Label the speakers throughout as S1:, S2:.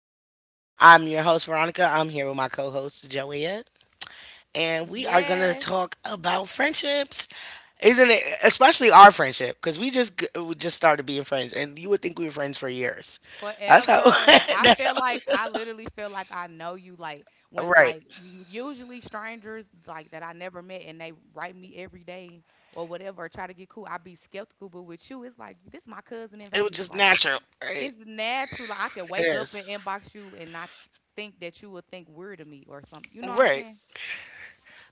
S1: podcast. I'm your host, Veronica. I'm here with my co host, Joanne, and we are going to
S2: Yes,
S1: talk about friendships. Isn't it, especially our friendship? Because we just started being friends, and you would think we were friends for years. That's how,
S2: forever. I
S1: that's
S2: feel like
S1: how,
S2: I literally feel like I know you. Like when,
S1: right.
S2: like usually strangers like that I never met and they write me every day or whatever, or try to get cool. I be skeptical, but with you, it's like this my cousin in
S1: It was
S2: Vegas.
S1: just
S2: Like
S1: natural, right?
S2: it's natural. Like, I can
S1: It
S2: wake up
S1: is.
S2: and inbox you and not think that you would think weird of me or something. You know what I'm
S1: Right.
S2: saying?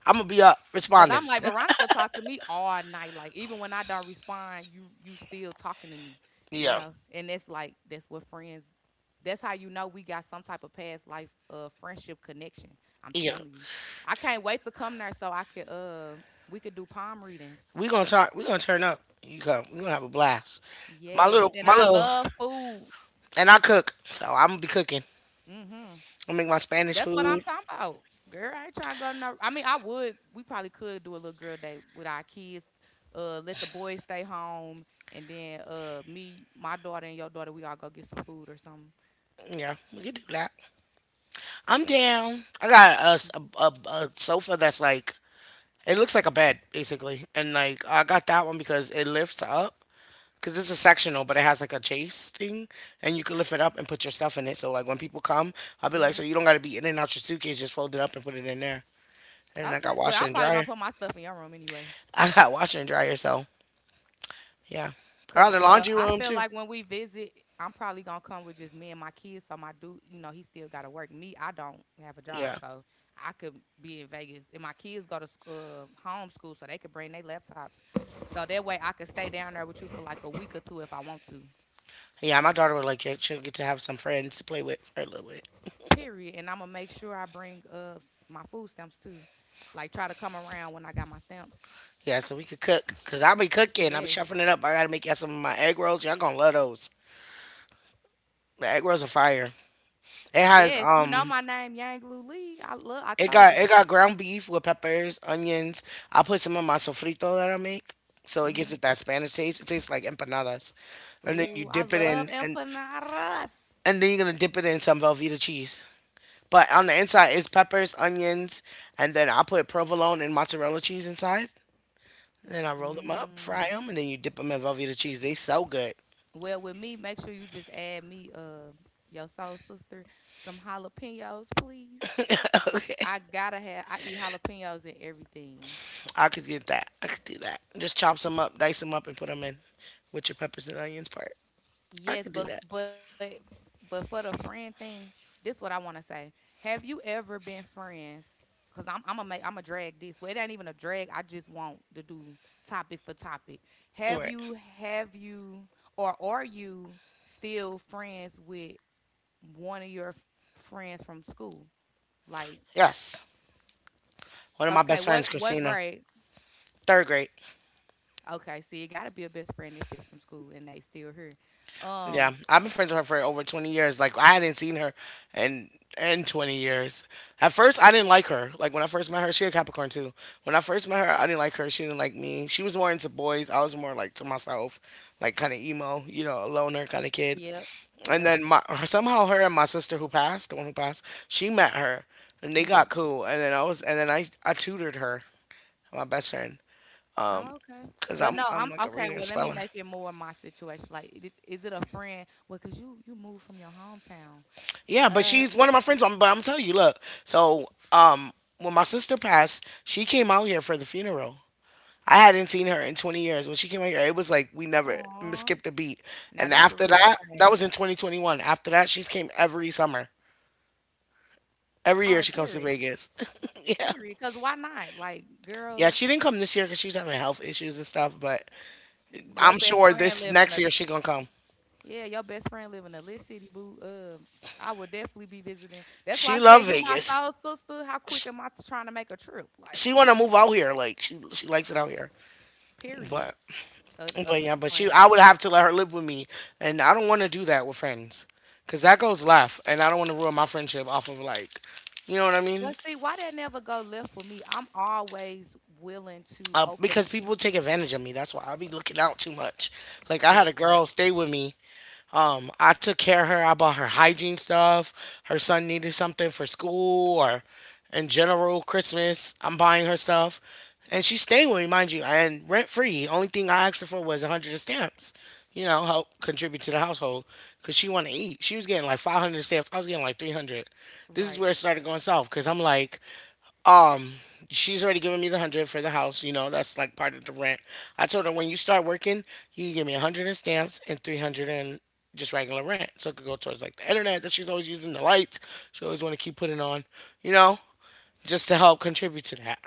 S1: I'm going to be up
S2: Cause
S1: responding.
S2: I'm like Veronica talks to me all night. Like even when I don't respond, you still talking to me, you
S1: Yeah.
S2: know. And it's like that's what friends. That's how you know we got some type of past life friendship connection. I'm
S1: Yeah.
S2: telling you, I can't wait to come there so I could we could do palm readings.
S1: We're going to turn up. You come. We're going to have a blast. My
S2: Yes,
S1: little,
S2: and
S1: my
S2: I
S1: little,
S2: love food.
S1: And I cook, so I'm gonna be cooking.
S2: Hmm.
S1: I make my Spanish
S2: That's what I'm
S1: food.
S2: talking about. Girl, I ain't trying to go no. I mean, I would. We probably could do a little girl day with our kids. Let the boys stay home, and then me, my daughter, and your daughter, we all go get some food or something.
S1: Yeah, we could do that. I'm down. I got a, s- a sofa that's like it looks like a bed basically, and like I got that one because it lifts up. Cause it's a sectional, but it has like a chase thing, and you can lift it up and put your stuff in it. So like when people come, I'll be like, so
S2: Hmm.
S1: you don't gotta be in and out your suitcase. Just fold it up and put it in there. And then I got
S2: Okay. Well,
S1: washer
S2: I'm
S1: and
S2: probably gonna
S1: dryer.
S2: put my stuff in your room anyway.
S1: I got washer and dryer. So yeah, I
S2: Cause
S1: got a laundry
S2: I
S1: room
S2: feel
S1: too.
S2: like when we visit, I'm probably gonna come with just me and my kids. So my dude, you know, he still gotta work. Me, I don't have a job,
S1: Yeah.
S2: so I could be in Vegas, and my kids go to home school, so they could bring their laptops. So that way, I could stay down there with you for like a week or two if I want to.
S1: Yeah, my daughter would like it. She'll get to have some friends to play with for a little bit.
S2: Period. And I'm gonna make sure I bring my food stamps too. Like try to come around when I got my stamps.
S1: Yeah, so we could cook. Cause I'll be cooking. I'll be
S2: Yes,
S1: shuffling it up. I gotta make y'all some of my egg rolls. Y'all gonna love those. The egg rolls are fire. It has
S2: yes. You know my name, Yang Lu Lee. I love. I
S1: it
S2: told
S1: got
S2: you.
S1: it got ground beef with peppers, onions. I put some of my sofrito that I make. So
S2: Mm
S1: it
S2: hmm
S1: gives it that Spanish taste. It tastes like empanadas. And then you
S2: Ooh, I
S1: dip it
S2: love
S1: in,
S2: empanadas.
S1: and then you're gonna dip it in some Velveeta cheese. But on the inside is peppers, onions, and then I put provolone and mozzarella cheese inside. Then I roll them up, fry
S2: Mm.
S1: them, and then you dip them in Velveeta cheese. They so good.
S2: Well, with me, make sure you just add me, your soul sister, some jalapenos, please.
S1: Okay,
S2: I gotta have. I eat jalapenos in everything.
S1: I could get that. I could do that. Just chop some up, dice them up, and put them in with your peppers and onions part. I
S2: Yes,
S1: could do
S2: but
S1: that.
S2: but but for the friend thing, this what I want to say. Have you ever been friends? Cause I'm gonna make I'm gonna drag this. Well, it ain't even a drag. I just want to do topic for topic.
S1: All
S2: Have
S1: right.
S2: you have you or are you still friends with one of your friends from school? Like,
S1: Yes. One of my
S2: okay,
S1: best
S2: what
S1: friends,
S2: what
S1: Christina,
S2: grade?
S1: third grade.
S2: Okay, see, it gotta be a best friend if it's from school and they still here. Um,
S1: Yeah, I've been friends with her for over 20 years. Like I hadn't seen her in in 20 years. At first, I didn't like her. Like when I first met her, she a Capricorn too. When I first met her, I didn't like her. She didn't like me. She was more into boys. I was more like to myself, like kind of emo, you know, a loner kind of kid.
S2: yep,
S1: And
S2: yep.
S1: then my somehow her and my sister who passed, the one who passed, she met her and they
S2: Mm-hmm.
S1: got cool. And then I was and then I tutored her, my best friend,
S2: Oh, okay,
S1: cause
S2: but
S1: I'm
S2: no,
S1: I'm
S2: I'm
S1: like a
S2: okay.
S1: reader and
S2: Well, let me
S1: speller.
S2: make it more my situation. Like, is it a friend? Well, cause you moved from your hometown.
S1: Yeah, but
S2: Uh,
S1: she's one of my friends. I'm, but I'm telling you, look. So, um, when my sister passed, she came out here for the funeral. I hadn't seen her in 20 years. When she came out here, it was like we never
S2: aw.
S1: skipped a beat.
S2: Now
S1: And
S2: that's a
S1: after
S2: real
S1: that, that
S2: friend.
S1: was in 2021. After that, she's came every summer. Every year
S2: Oh,
S1: she comes to
S2: period,
S1: Vegas. Yeah.
S2: period. Cause why not? Like,
S1: Yeah,
S2: girl,
S1: she didn't come this year because she was having health issues and stuff, but
S2: your
S1: I'm
S2: best
S1: sure
S2: friend
S1: this
S2: live in
S1: next
S2: a.
S1: year she gonna come.
S2: Yeah, your best friend live in the lit city, boo. I would definitely be visiting. That's why I
S1: She love
S2: said you my
S1: Vegas.
S2: soul sister. How
S1: She,
S2: quick am I trying to make a trip? Like,
S1: she wanna move out here. Like she likes it out here.
S2: period.
S1: But
S2: A
S1: But yeah,
S2: good
S1: but she,
S2: friend.
S1: I would have to let her live with me, and I don't want to do that with friends, cause that goes left, and I don't want to ruin my friendship off of like, you know what I mean?
S2: But see, why that never go left for me? I'm always willing to
S1: Because
S2: open.
S1: people take advantage of me. That's why I be looking out too much. Like I had
S2: That
S1: a
S2: part.
S1: girl stay with me. I took care of her. I bought her hygiene stuff. Her son needed something for school or in general Christmas. I'm buying her stuff. And she's staying with me, mind you, and rent free. Only thing I asked her for was 100 stamps, you know, help contribute to the household because she wanted to eat. She was getting like 500 stamps. I was getting like 300. This is where
S2: Right.
S1: it started going south because I'm like, um, she's already given me the 100 for the house. You know, that's like part of the rent. I told her when you start working, you can give me 100 in stamps and 300 in just regular rent, so it could go towards like the internet that she's always using, the lights she always want to keep putting on. You know, just to help contribute to that.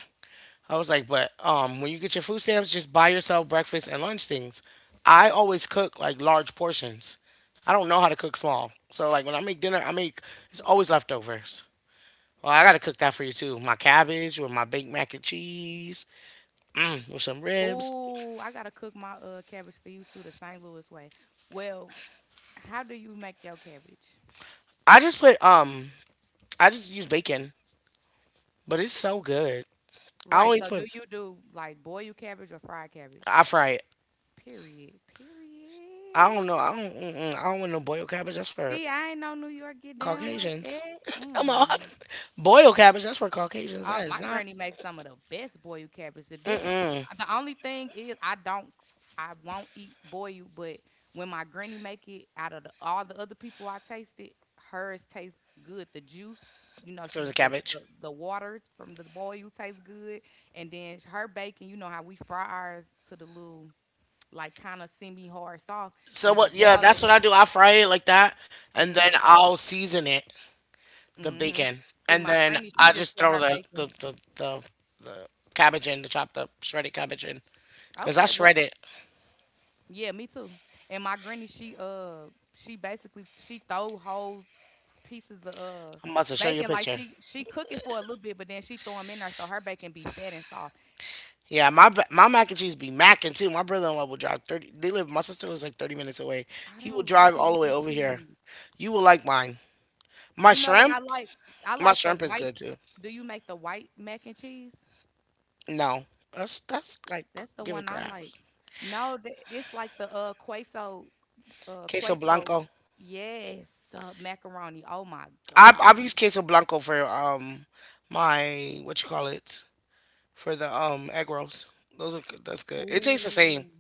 S1: I was like, but when you get your food stamps, just buy yourself breakfast and lunch things. I always cook like large portions. I don't know how to cook small. So like when I make dinner, I make it's always leftovers. Oh, I gotta cook that for you too. My cabbage with my baked mac and cheese, mm, with some ribs.
S2: Oh, I gotta cook my cabbage for you too, the St. Louis way. Well, how do you make your cabbage?
S1: I just put I just use bacon, but it's so good. I
S2: Right.
S1: only
S2: So do
S1: put
S2: you do like boil your cabbage or fried cabbage?
S1: I fry it.
S2: Period.
S1: I don't know.
S2: Period.
S1: I don't. Mm-mm, I don't want no boiled cabbage. That's for
S2: See, I ain't know New York get down like
S1: Caucasians.
S2: that.
S1: I'm all
S2: Mm.
S1: boiled cabbage. That's for Caucasians.
S2: Oh,
S1: That is
S2: my
S1: not
S2: granny makes some of the best boiled cabbage. The difference, the only thing is, I won't eat boiled. But when my granny make it, out of the, all the other people I tasted, hers tastes good. The juice, you know,
S1: for
S2: she
S1: the
S2: the
S1: cabbage.
S2: the water from the boiled tastes good, and then her bacon. You know how we fry ours to the little like kind of semi hard soft
S1: So
S2: when you
S1: what? Yeah,
S2: boil it.
S1: that's what I do. I fry it like that, and then I'll season it, the
S2: Mhm.
S1: bacon,
S2: See,
S1: and
S2: my
S1: then
S2: granny, she
S1: I
S2: just
S1: just
S2: put
S1: throw
S2: her
S1: the the
S2: bacon.
S1: the, the cabbage in, the chopped up shredded cabbage in, cause I
S2: Okay, what?
S1: shred it.
S2: Yeah, me too. And my granny, she basically she throw whole pieces of
S1: I'm about to show you a
S2: bacon like
S1: picture.
S2: she cook it for a little bit, but then she throw them in there so her bacon be fat and soft.
S1: Yeah, my mac and cheese be macking too. My brother-in-law will drive 30. They live. My sister lives like 30 minutes away.
S2: I
S1: He will
S2: don't like
S1: drive all the
S2: mac
S1: way
S2: and
S1: over here.
S2: cheese.
S1: You will like mine. My
S2: You know what
S1: shrimp.
S2: I like? I
S1: My
S2: like the
S1: shrimp is
S2: white.
S1: good too.
S2: Do you make the white mac and cheese?
S1: No, that's like
S2: That's the
S1: give it
S2: one I
S1: crabs.
S2: like. No, it's like the queso.
S1: Queso
S2: Queso.
S1: blanco.
S2: Yes, macaroni. Oh my
S1: I
S2: God.
S1: I've used queso blanco for my what you call it for the egg rolls. Those are good. That's good. It tastes the same.
S2: Ooh,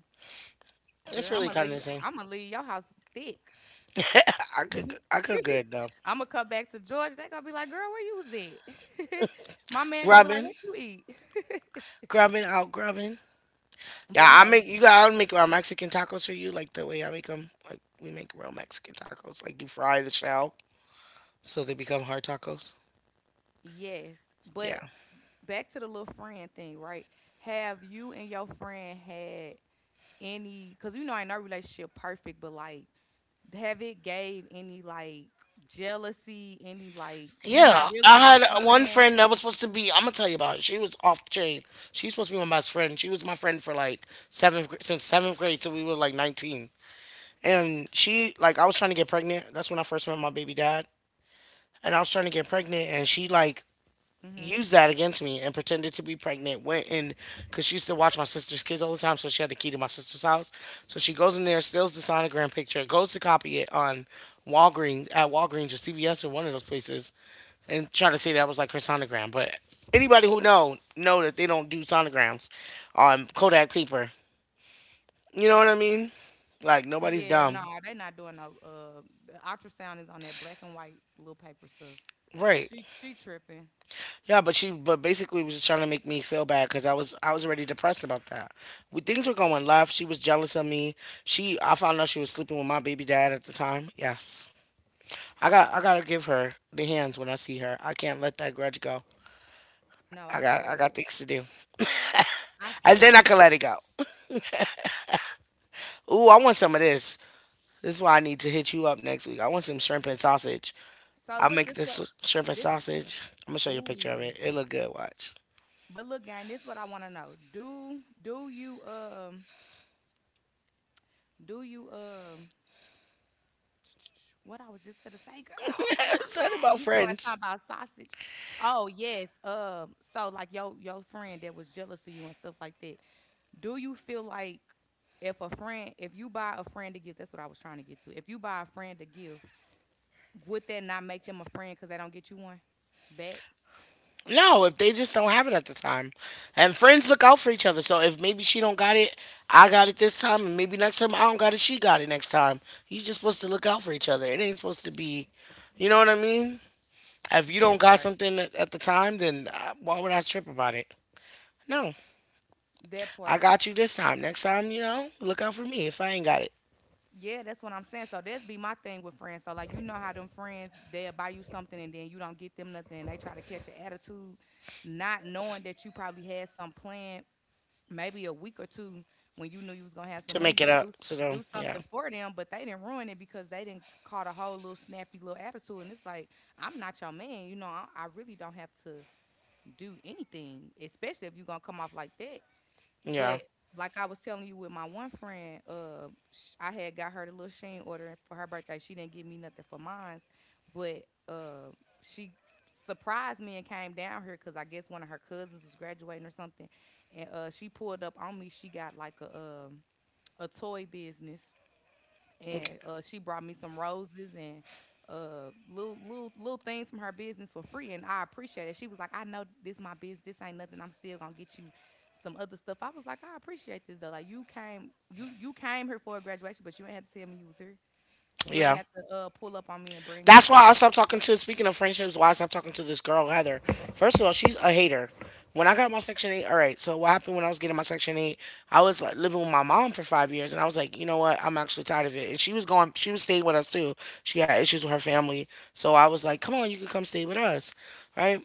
S1: It's
S2: girl,
S1: really
S2: I'ma
S1: kind of the
S2: leave.
S1: same.
S2: I'ma leave your house thick.
S1: I cook good though.
S2: I'ma come back to Georgia. They gonna be like, "Girl, where you was at?" My man gonna be like,
S1: Grubbing,
S2: "What you eat?"
S1: grubbing out, grubbing. Yeah,
S2: But
S1: I
S2: no,
S1: make you got. I'll make my Mexican tacos for you, like the way I make them. Like we make real Mexican tacos. Like you fry the shell so they become hard tacos.
S2: yes. But
S1: Yeah,
S2: back to the little friend thing, right? Have you and your friend had any? Cause you know, I ain't no relationship perfect, but like, have it gave any like jealousy? Any like, you
S1: yeah.
S2: not really my
S1: I had one
S2: friend?
S1: friend that was supposed to be. I'm gonna tell you about it. She was off the chain. She was supposed to be my best friend. She was my friend for like since seventh grade till we were like 19. And she like I was trying to get pregnant. That's when I first met my baby dad. And I was trying to get pregnant, and she like
S2: Hmm.
S1: used that against me and pretended to be pregnant. Went in because she used to watch my sister's kids all the time, so she had the key to my sister's house. So she goes in there, steals the sonogram picture, goes to copy it on Walgreens or CVS or one of those places, and try to say that was like her sonogram. But anybody who know that they don't do sonograms on Kodak paper. You know what I mean? Like nobody's
S2: Yeah, no,
S1: dumb,
S2: nah, they not doing no. The ultrasound is on that black and white little paper stuff.
S1: right?
S2: She tripping.
S1: Yeah, but she, but basically, was just trying to make me feel bad because I was already depressed about that. We, things were going left. She was jealous of me. She, I found out she was sleeping with my baby dad at the time. Yes, I gotta give her the hands when I see her. I can't let that grudge go.
S2: No, I feel
S1: I
S2: that.
S1: got things to do,
S2: I
S1: and
S2: feel
S1: then I
S2: that.
S1: can let it go. Ooh, I want some of this. This is why I need to hit you up next week. I want some shrimp and sausage.
S2: So
S1: I'll
S2: look,
S1: make
S2: this what
S1: this shrimp and
S2: this
S1: sausage. I'm gonna show you a picture of
S2: ooh.
S1: it. It look good. Watch.
S2: But look, gang, this what I want to know. Do you do you what I was just gonna say, girl? Oh my
S1: Something
S2: god,
S1: about
S2: you started
S1: friends.
S2: talking about sausage. Oh yes. So like your friend that was jealous of you and stuff like that. Do you feel like if a friend, if you buy a friend a gift, that's what I was trying to get to. If you buy a friend a gift, would that not make them a friend because they don't get you one back?
S1: No, if they just don't have it at the time. And friends look out for each other. So if maybe she don't got it, I got it this time, and maybe next time I don't got it, she got it next time. You just supposed to look out for each other. It ain't supposed to be, you know what I mean? If you don't
S2: That
S1: got
S2: part.
S1: something at the time, then why would I trip about it? No,
S2: That
S1: I
S2: part.
S1: got you this time. Next time, you know, look out for me if I ain't got it
S2: Yeah, that's what I'm saying. So that's be my thing with friends. So like you know how them friends they'll buy you something and then you don't get them nothing and they try to catch an attitude, not knowing that you probably had some plan maybe a week or two when you knew you was gonna have some
S1: to
S2: money
S1: make
S2: to
S1: it up.
S2: do
S1: So,
S2: do
S1: yeah,
S2: something for them, but they didn't ruin it because they didn't caught a whole little snappy little attitude. And it's like, I'm not your man. You know, I really don't have to do anything, especially if you're gonna come off like that.
S1: yeah,
S2: But like I was telling you with my one friend, I had got her the little Sheen order for her birthday. She didn't give me nothing for mine's, but uh, she surprised me and came down here because I guess one of her cousins was graduating or something, and she pulled up on me. She got like um a toy business
S1: okay.
S2: and she brought me some roses and little things from her business for free, and I appreciate it. She was like, "I know this my business. This ain't nothing. I'm still gonna get you some other stuff." I was like, "I appreciate this though. Like you came here for a graduation, but you ain't had to tell me you was here. You ain't
S1: Yeah.
S2: had to pull up on me and bring
S1: That's
S2: me."
S1: why I stopped talking to. Speaking of friendships, why I stopped talking to this girl Heather. First of all, she's a hater. When I got my Section Eight, all right. So what happened when I was getting my Section Eight? I was like living with my mom for 5 years, and I was like, you know what? I'm actually tired of it. And she was going. She was staying with us too. She had issues with her family, so I was like, come on, you can come stay with us, right?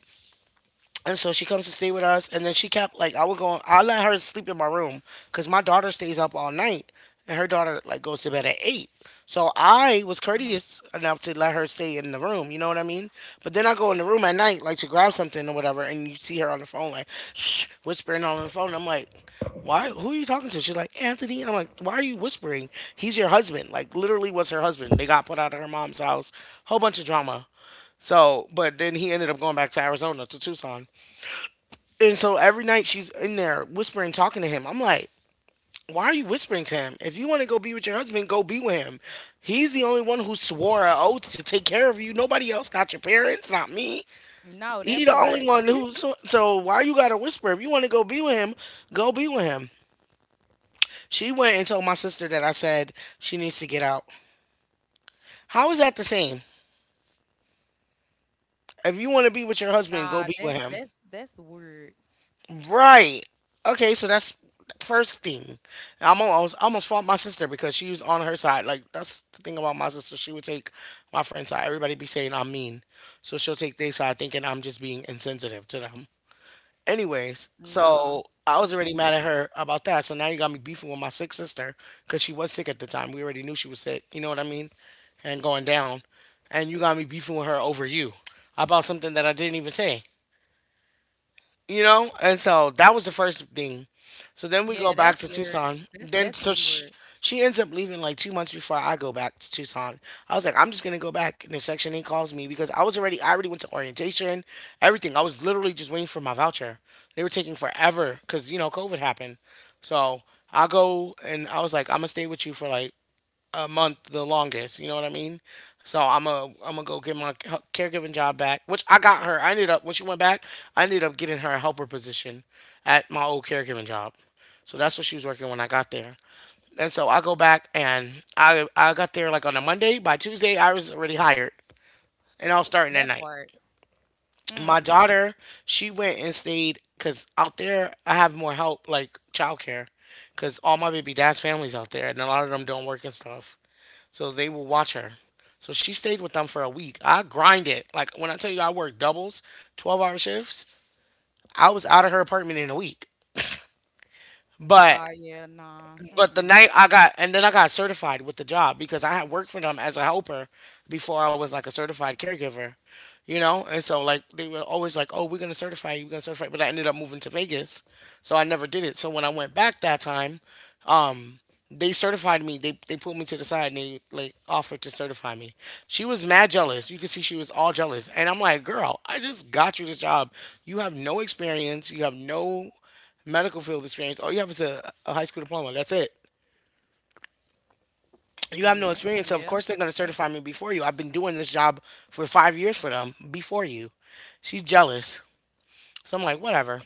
S1: And so she comes to stay with us, and then she kept like I would go. I let her sleep in my room because my daughter stays up all night, and her daughter like goes to bed at eight. So I was
S2: Uh-huh.
S1: courteous enough to let her stay in the room. You know what I mean? But then I go in the room at night like to grab something or whatever, and you see her on the phone like whispering on the phone. I'm like, why? Who are you talking to? She's like Anthony. I'm like, why are you whispering? He's your husband. Like literally was her husband. They got put out of her mom's house. Whole bunch of drama. So, but then he ended up going back to Arizona to Tucson. And so every night she's in there whispering, talking to him. I'm like, why are you whispering to him? If you want to go be with your husband, go be with him. He's the only one who swore an oath to take care of you. Nobody else, not your parents, not me.
S2: No, that
S1: He the only
S2: part.
S1: one who. So, so why you gotta whisper? If you want to go be with him, go be with him. She went and told my sister that I said she needs to get out. How is that the same? If you want to be with your husband, go
S2: Nah,
S1: be with
S2: that's
S1: him.
S2: that's that's weird.
S1: Right. Okay, so that's first thing. And I almost fought my sister because she was on her side. Like that's the thing about my sister. She would take my friend's side. Everybody be saying I'm mean. So she'll take their side thinking I'm just being insensitive to them. Anyways,
S2: Nah.
S1: so I was already
S2: Mm-mm.
S1: mad at her about that. So now you got me beefing with my sick sister because she was sick at the time. We already knew she was sick. You know what I mean? And going down. And you got me beefing with her over you about something that I didn't even say. And so that was the first thing. So then we go
S2: Yeah,
S1: back
S2: that's
S1: to
S2: weird.
S1: Tucson.
S2: That's
S1: Then
S2: that's really weird.
S1: she ends up leaving like 2 months before I go back to Tucson. I was like, I'm just gonna go back, and if Section Eight calls me because I already went to orientation, everything. I was literally just waiting for my voucher. They were taking forever because you know COVID happened. So I go and I was like, I'm gonna stay with you for like a month the longest. You know what I mean? So I'm gonna go get my caregiving job back, which I got her. I ended up when she went back, I ended up getting her a helper position at my old caregiving job. So that's what she was working when I got there. And so I go back and I got there like on a Monday. By Tuesday, I was already hired, and I was starting that
S2: That
S1: night.
S2: part.
S1: My
S2: Mm.
S1: daughter, she went and stayed because out there I have more help like childcare, because all my baby dad's families out there, and a lot of them don't work and stuff. So they will watch her. So she stayed with them for a week. I grind it. Like when I tell you I worked doubles, 12-hour shifts, I was out of her apartment in a week. But
S2: Oh yeah, nah.
S1: but the
S2: Mm-mm.
S1: night I got and then I got certified with the job because I had worked for them as a helper before I was like a certified caregiver. You know? And so like they were always like, oh, we're gonna certify you, we're gonna certify you. But I ended up moving to Vegas. So I never did it. So when I went back that time, um they certified me. They pulled me to the side and they like offered to certify me. She was mad jealous. You could see she was all jealous. And I'm like, girl, I just got you this job. You have no experience. You have no medical field experience. All you have is a high school diploma. That's it. You have no
S2: Yeah,
S1: experience. So of
S2: yeah.
S1: course they're gonna
S2: That's
S1: certify me before you. I've been doing this job for 5 years for them before you. She's jealous. So I'm like, whatever.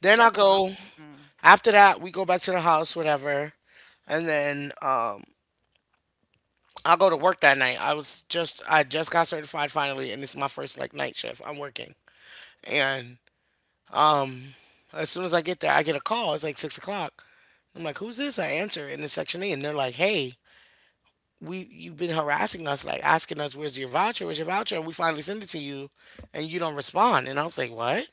S1: Then I
S2: that's what I'm.
S1: go
S2: Mm-mm.
S1: after that we go back to the house, whatever. And then I'll go to work that night. I just got certified finally, and this is my first like night shift. I'm working, and as soon as I get there, I get a call. It's like 6 o'clock. I'm like, who's this? I answer in the section E, and they're like, hey, we you've been harassing us, like asking us, where's your voucher? Where's your voucher? And we finally send it to you, and you don't respond. And I was like, what?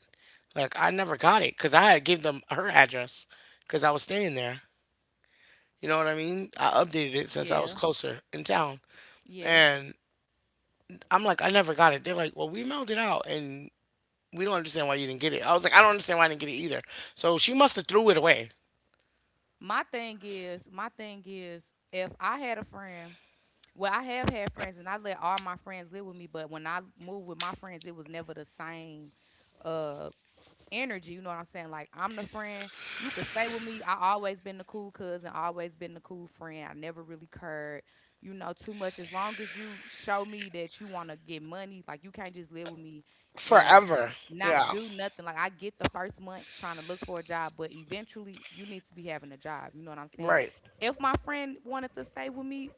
S1: Like I never got it because I had gave them her address because I was staying there. You know what I mean? I updated it since I was
S2: Yeah,
S1: closer in town,
S2: yeah.
S1: and I'm like, I never got it. They're like, well, we mailed it out, and we don't understand why you didn't get it. I was like, I don't understand why I didn't get it either. So she must have threw it away
S2: My thing is, if I had a friend, well, I have had friends, and I let all my friends live with me. But when I moved with my friends, it was never the same. Uh, energy. You know what I'm saying? Like I'm the friend. You could stay with me. I always been the cool cousin, always been the cool friend. I never really cared, you know, too much. As long as you show me that you wanna get money, like you can't just live with me and
S1: forever.
S2: not
S1: Yeah,
S2: do nothing. Like I get the first month trying to look for a job, but eventually you need to be having a job. You know what I'm saying?
S1: right.
S2: If my friend wanted to stay with me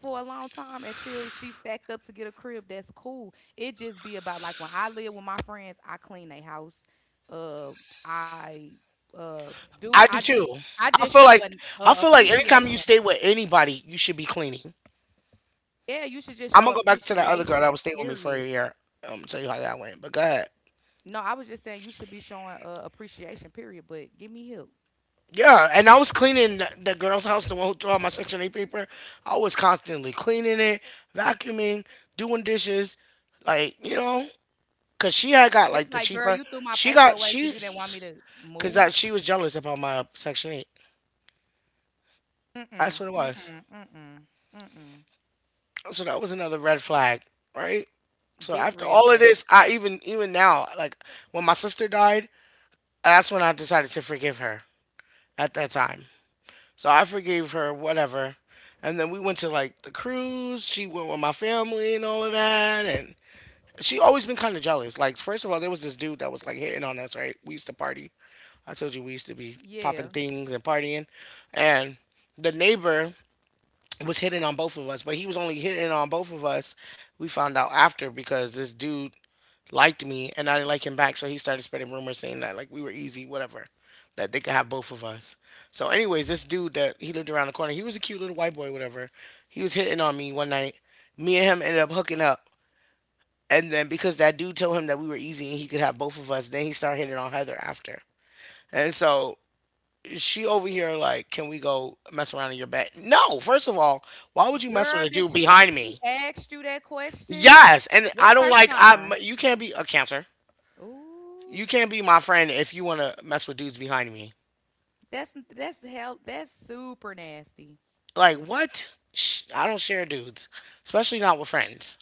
S2: for a long time until she stacked up to get a crib, that's cool. It just be about like when I live with my friends, I clean their house. Uh, I uh do.
S1: I do too.
S2: I
S1: I
S2: just
S1: feel
S2: show
S1: like
S2: an
S1: I feel like anytime you
S2: appreciation.
S1: stay with anybody, you should be cleaning.
S2: Yeah, you should just
S1: I'm
S2: show
S1: gonna go back to that other girl that
S2: appreciation.
S1: was staying with me for a
S2: Period.
S1: year. I Tell you how that went. But go ahead.
S2: No, I was just saying you should be showing appreciation. Period. But give me help.
S1: Yeah, and I was cleaning the girl's house, the one who threw out my Section 8 paper. I was constantly cleaning it, vacuuming, doing dishes, like you know, cause she had got
S2: It's
S1: like the
S2: like, girl,
S1: cheaper.
S2: you threw my
S1: She
S2: paper
S1: got
S2: away because
S1: she
S2: you didn't want me to
S1: Cause
S2: move.
S1: she was jealous about my Section Eight.
S2: Mm-mm,
S1: That's what it was.
S2: mm-mm, mm-mm, mm-mm.
S1: So that was another red flag, right? So
S2: Big
S1: after
S2: red
S1: all of
S2: flag.
S1: this, I even now, like when my sister died, that's when I decided to forgive her at that time. So I forgave her, whatever. And then we went to like the cruise. She went with my family and all of that. And she always been kind of jealous. Like first of all, there was this dude that was like hitting on us. Right? We used to party. I told you we used to be popping
S2: Yeah.
S1: things and partying. And the neighbor was hitting on both of us, but he was only hitting on both of us. We found out after because this dude liked me and I didn't like him back, so he started spreading rumors saying that like we were easy, whatever, that they could have both of us. So, anyways, this dude that he lived around the corner, he was a cute little white boy, whatever. He was hitting on me one night. Me and him ended up hooking up, and then because that dude told him that we were easy and he could have both of us, then he started hitting on Heather after. And so she over here like, can we go mess around in your bed? No, first of all, why would you mess with
S2: Girl,
S1: a
S2: did
S1: dude behind
S2: she
S1: me?
S2: asked you that question?
S1: Yes, and I
S2: What's
S1: don't
S2: her
S1: like I.
S2: sign?
S1: You can't be a Cancer.
S2: Ooh.
S1: You can't be my friend if you want to mess with dudes behind me.
S2: That's hell that's super nasty.
S1: Like what? Sh I don't share dudes, especially not with friends.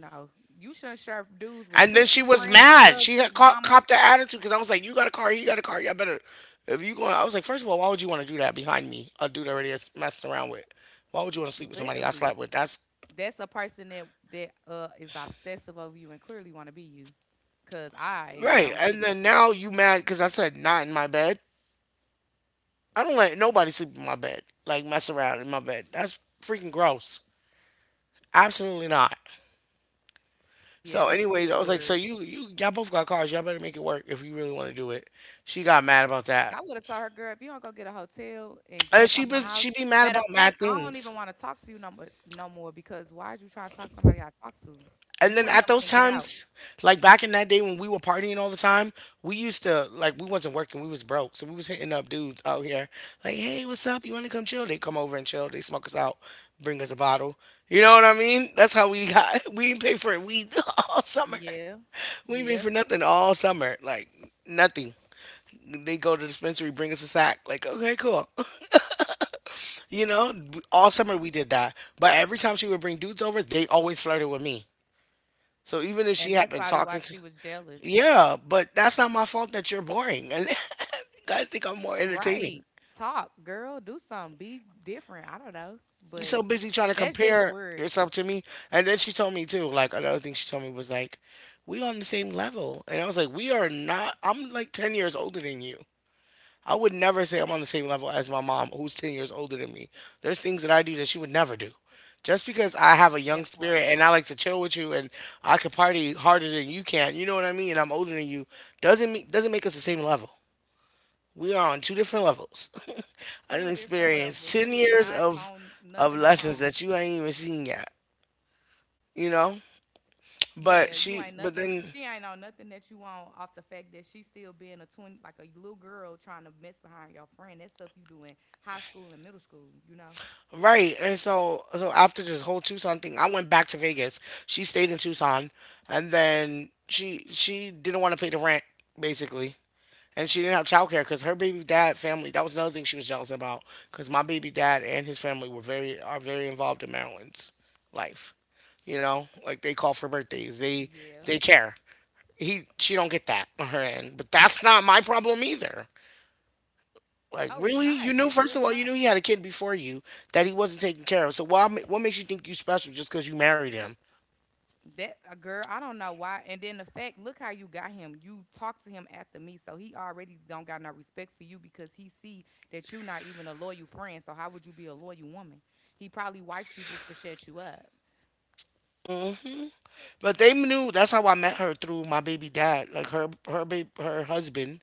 S2: No, you shouldn't share dudes with
S1: And then she
S2: sisters,
S1: was
S2: friends,
S1: mad. She
S2: cousins,
S1: had
S2: mamas.
S1: copped that attitude because I was like, "You got a car. You got a car. Y'all better." If you going, I was like, first of all, why would you want to do that behind me? A dude already is messed around with. Why would you want to sleep with somebody I
S2: Literally,
S1: slept with? That's
S2: that's a person that that is obsessive over you and clearly want to be you. Cause I
S1: right.
S2: don't get
S1: And
S2: it.
S1: then now you mad because I said not in my bed. I don't let nobody sleep in my bed, like mess around in my bed. That's freaking gross. Absolutely not.
S2: Yeah,
S1: So,
S2: that's
S1: anyways,
S2: super
S1: I was like, so
S2: word.
S1: y'all both got cars. Y'all better make it work if you really want to do it. She got mad about that,
S2: I would have told her, "Girl, if you don't, go get a hotel and get
S1: and
S2: up out my house.
S1: she be mad
S2: Matter of
S1: about mad
S2: fact, I don't even
S1: things.
S2: want to talk to you no more, no more, because why is you trying to talk to somebody I talk to?
S1: And then
S2: You and
S1: at
S2: him
S1: those
S2: can get out."
S1: times, like back in that day when we were partying all the time, we used to we wasn't working, we was broke, so we was hitting up dudes out here like, "Hey, what's up? You want to come chill?" They come over and chill. They smoke us out, bring us a bottle. You know what I mean? That's how we got. We ain't pay for it. We all summer.
S2: Yeah,
S1: We ain't pay
S2: yeah,
S1: for nothing all summer. Like nothing. They go to the dispensary, bring us a sack. Like, okay, cool. You know, all summer we did that. But every time she would bring dudes over, they always flirted with me. So even if she
S2: and
S1: had
S2: that's
S1: been
S2: probably why
S1: talking to,
S2: she was jealous.
S1: yeah, but that's not my fault that you're boring. And guys think I'm more entertaining.
S2: Right. Talk, girl. Do something. Be different. I don't know.
S1: You're
S2: But
S1: so busy trying to
S2: that's just
S1: compare
S2: word.
S1: yourself to me. And then she told me too, like another thing she told me was like, we on the same level. And I was like, we are not. I'm like 10 years older than you. I would never say I'm on the same level as my mom, who's 10 years older than me. There's things that I do that she would never do. Just because I have a young
S2: That
S1: spirit
S2: part.
S1: and I like to chill with you and I could party harder than you can, you know what I mean? And I'm older than you, doesn't make us the same level. We are on two different levels. I
S2: Two
S1: didn't
S2: different
S1: experience
S2: levels.
S1: ten
S2: You is
S1: years
S2: not
S1: of
S2: on nothing I'm
S1: lessons
S2: on.
S1: that you ain't even seen yet. You know? But
S2: Yeah, you
S1: she
S2: ain't
S1: but
S2: nothing.
S1: then
S2: She ain't on nothing that you on, off the fact that she still being a twin, like a little girl trying to mess behind your friend. That stuff you do in high school and middle school, you know?
S1: right, and so after this whole Tucson thing, I went back to Vegas. She stayed in Tucson, and then she didn't want to pay the rent, basically. And she didn't have childcare because her baby dad family. That was another thing she was jealous about because my baby dad and his family were very are very involved in Maryland's life. You know, like they call for birthdays. They
S2: Yeah.
S1: they care. He she don't get that on her end, but that's not my problem either. Like
S2: Oh, it's
S1: really, you
S2: not.
S1: knew,
S2: It's
S1: first of
S2: really
S1: all, you
S2: not.
S1: knew he had a kid before you that he wasn't taking care of. So why? What makes you think you special just because you married him?
S2: That a girl, I don't know why. And then the fact, look how you got him. You talked to him after me, so he already don't got no respect for you, because he see that you not even a loyal friend. So how would you be a loyal woman? He probably wifed you just to shut you up.
S1: Mm. But they knew that's how I met her through my baby dad. Like her husband.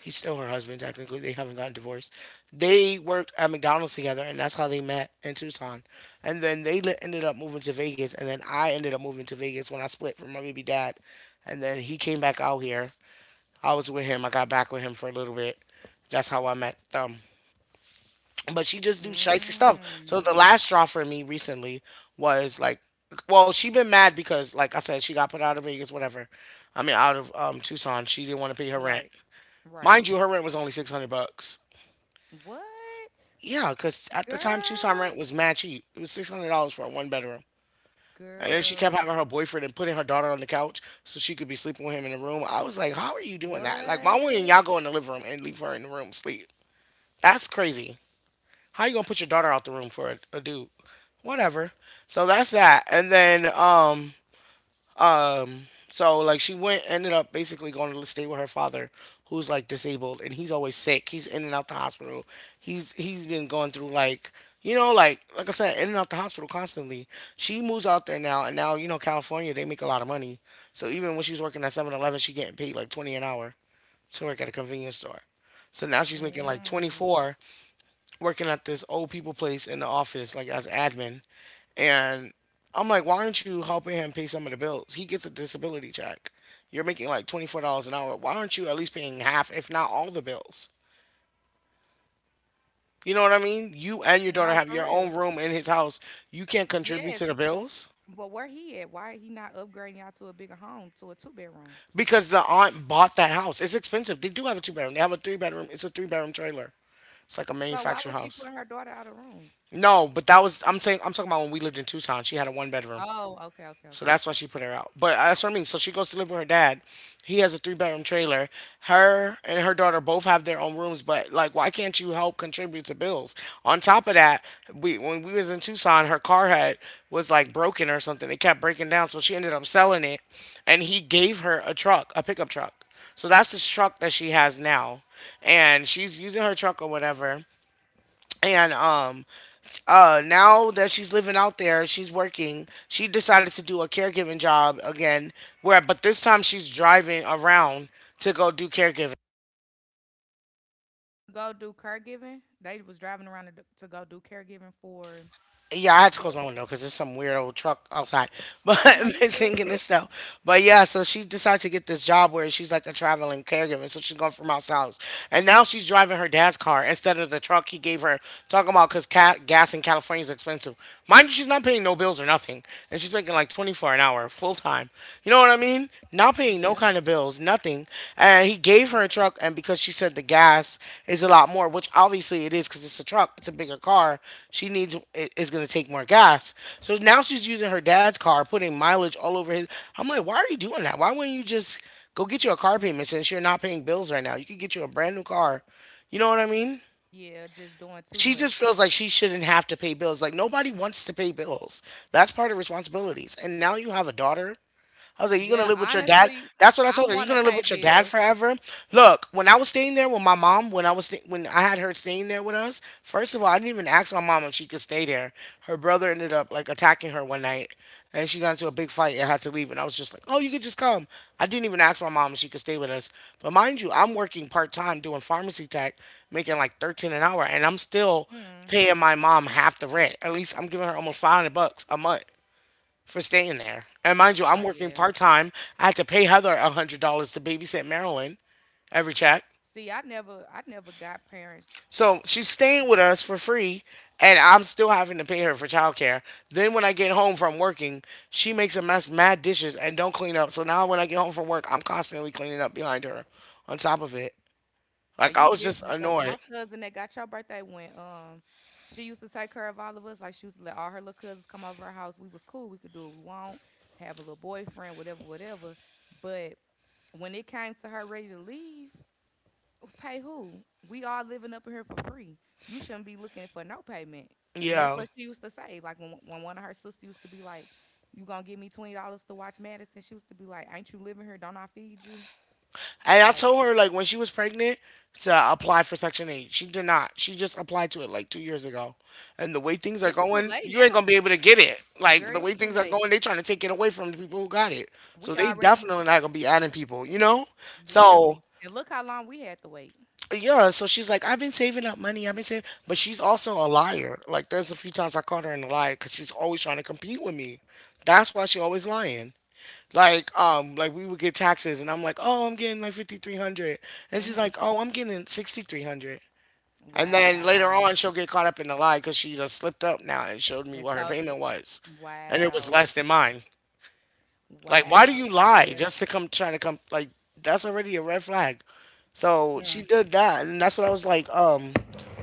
S1: He's still her husband, technically. They haven't gotten divorced. They worked at McDonald's together, and that's how they met in Tucson. And then ended up moving to Vegas, and then I ended up moving to Vegas when I split from my baby dad. And then he came back out here. I was with him. I got back with him for a little bit. That's how I met them. But she just do shicey stuff. So
S2: Mm.
S1: the last straw for me recently was like, well, she been mad because, like I said, she got put out of Vegas, whatever. I mean, out of Tucson. She didn't want to pay her rent.
S2: Right. Right.
S1: Mind you, her rent was only 600 bucks.
S2: What?
S1: Yeah, because at the time, Tucson rent
S2: Girl.
S1: was mad cheap. It was $600 for a one bedroom. And then she kept
S2: Girl.
S1: having her boyfriend and putting her daughter on the couch so she could be sleeping with him in the room. I was like, how are you doing that? Like, why
S2: What?
S1: wouldn't y'all go in the living room and leave her in the room sleep? That's crazy. How you gonna put your daughter out the room for a dude? Whatever. So that's that. And then um, so like she went ended up basically going to stay with her father, who's like disabled and he's always sick. He's in and out the hospital. He's been going through like, you know, like I said, in and out the hospital constantly. She moves out there now, and now, you know, California they make a lot of money. So even when she's working at Seven Eleven, she getting paid like 20 an hour to work at a convenience store. So now she's making like twenty
S2: Mm.
S1: four working at this old people place in the office, like as admin. And I'm like, why aren't you helping him pay some of the bills? He gets a disability check. You're making like $24 an hour. Why aren't you at least paying half, if not all the bills? You know what I mean? You and your daughter
S2: No,
S1: have
S2: for
S1: your own
S2: real.
S1: room in his house. You can't contribute to
S2: Yes.
S1: the bills
S2: But where he at? Why he not upgrading y'all to a bigger home, to a two bedroom?
S1: because the aunt bought that house. It's expensive. They do have a two-bedroom, they have a three bedroom. It's a three-bedroom trailer. It's like a
S2: So why
S1: manufactured
S2: would she
S1: house.
S2: put her daughter out of room?
S1: No, but that was, I'm saying, I'm talking about when we lived in Tucson. She had a one bedroom.
S2: Oh, okay, okay,
S1: So
S2: okay.
S1: that's why she put her out. But that's what I mean. So she goes to live with her dad. He has a three-bedroom trailer. Her and her daughter both have their own rooms, but like why can't you help contribute to bills? On top of that, we when we was in Tucson, her car had was like broken or something. It kept breaking down, so she ended up selling it and he gave her a truck, a pickup truck. So that's the truck that she has now. And she's using her truck or whatever, and now that she's living out there, she's working, she decided to do a caregiving job again where, but this time she's driving around to go do caregiving.
S2: To go do caregiving. They was driving around to, to go do caregiving for.
S1: Yeah, I had to close my window because there's some weird old truck outside, but
S2: Oh no, you good?
S1: singing this stuff. But yeah, so she decided to get this job where she's like a traveling caregiver. So she's going from house to house, and now she's driving her dad's car instead of the truck he gave her. Talking about because gas in California is expensive. Mind you, she's not paying no bills or nothing, and she's making like 24 an hour full time. You know what I mean? I'm paying no
S2: Yeah,
S1: kind of bills, nothing. And he gave
S2: yeah,
S1: her a truck, and because she said the gas is a lot more, which obviously it is because it's a truck, it's a bigger car. She needs it, is going to take more gas. So now she's using her dad's car, putting mileage all over his. I'm like, why are you doing that? Why wouldn't you just go get you a car payment since you're not paying bills right now? You could get you a brand new car. You know what I mean?
S2: yeah. Just doing too
S1: She just
S2: much.
S1: feels like she shouldn't have to pay bills. Like nobody wants to pay bills. That's part of responsibilities. And now you have a daughter. I was like, "You gonna
S2: Well,
S1: live with your dad?"
S2: honestly,
S1: That's what I
S2: I
S1: told her. You
S2: want to
S1: gonna live
S2: pay
S1: with your dad
S2: bills.
S1: forever? Look, when I was staying there with my mom, when when I had her staying there with us, first of all, I didn't even ask my mom if she could stay there. Her brother ended up like attacking her one night, and she got into a big fight and had to leave. And I was just like, "Oh, you could just come." I didn't even ask my mom if she could stay with us. But mind you, I'm working part time doing pharmacy tech, making like 13 an hour, and I'm still
S2: Hmm.
S1: paying my mom half the rent. At least I'm giving her almost 500 bucks a month for staying there. And mind you,
S2: Oh
S1: I'm working
S2: yeah.
S1: part time. I had to pay Heather $100 to babysit Marilyn every check.
S2: See, I never got parents.
S1: So she's staying with us for free, and I'm still having to pay her for childcare. Then when I get home from working, she makes a mess, mad dishes, and don't clean up. So now when I get home from work, I'm constantly cleaning up behind her. On top of it,
S2: Are
S1: like I
S2: you
S1: was just
S2: different? Cause my
S1: annoyed.
S2: cousin that got your birthday went. She used to take care of all of us. Like she used to let all her little cousins come over her house. We was cool. We could do what we want. Have a little boyfriend, whatever, whatever. But when it came to her ready to leave, pay who? We all living up in here for free. You shouldn't be looking for no payment. And that's
S1: Yeah.
S2: what she used to say. Like when one of her sisters used to be like, "You gonna give me $20 to watch Madison?" She used to be like, "Ain't you living here? Don't I feed you?"
S1: And I
S2: Like,
S1: told her like when she was pregnant to apply for Section Eight. She did not. She just applied to it like 2 years ago. And the way things are
S2: it's too
S1: going,
S2: late
S1: you ain't gonna
S2: now,
S1: be able to get it. Like
S2: girl.
S1: the
S2: It's
S1: way
S2: too
S1: things are
S2: late.
S1: going, they trying to take it away from the people who got it. So
S2: We
S1: they
S2: already
S1: definitely not gonna be adding people. You know. So
S2: literally, and look how long we had to wait.
S1: yeah. So she's like, I've been saving up money. I've been saving, but she's also a liar. Like there's a few times I caught her in a lie because she's always trying to compete with me. That's why she always lying. Like we would get taxes, and I'm like, oh, I'm getting like 5,300, and she's
S2: Mhm.
S1: like, oh, I'm getting 6,300, and then later
S2: Wow.
S1: on she'll get caught up in the lie because she just slipped up now and showed me
S2: And
S1: what her
S2: so
S1: payment
S2: th,
S1: was, and it was
S2: wow.
S1: less than mine. Like, why
S2: Wow.
S1: do you lie
S2: Yeah.
S1: just to come try to come? Like, that's already a red flag. So she
S2: Mm,
S1: did that, and that's what I was like,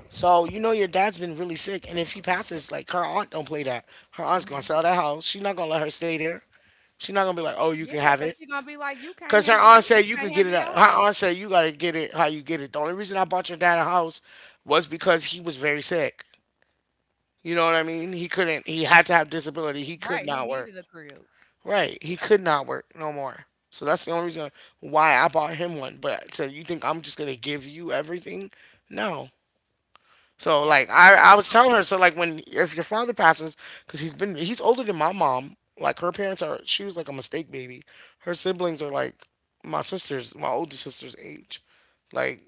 S1: so you know your dad's been really sick, and if he passes, like her aunt don't play that. Her aunt's gonna
S2: mhm.
S1: sell that house. She's not gonna let her stay there. She's not gonna be like, oh, you can
S2: Yeah,
S1: have
S2: 'cause
S1: it.
S2: she gonna be like, "You can't
S1: Cause her
S2: handle
S1: aunt
S2: it. You
S1: said you
S2: can't
S1: could get
S2: handle
S1: it. Her
S2: your house."
S1: aunt said you gotta get it how you get it. The only reason I bought your dad a house was because he was very sick. You know what I mean? He couldn't. He had to have disability. He could
S2: Right, he
S1: not work.
S2: needed a crib.
S1: Right. He could not work no more. So that's the only reason why I bought him one. But so you think I'm just gonna give you everything? No. So like I
S2: Absolutely.
S1: was telling her, so like when, if your father passes, because he's been, he's older than my mom, like her parents are, she was like a mistake baby, her siblings are like my sister's, my older sister's age, like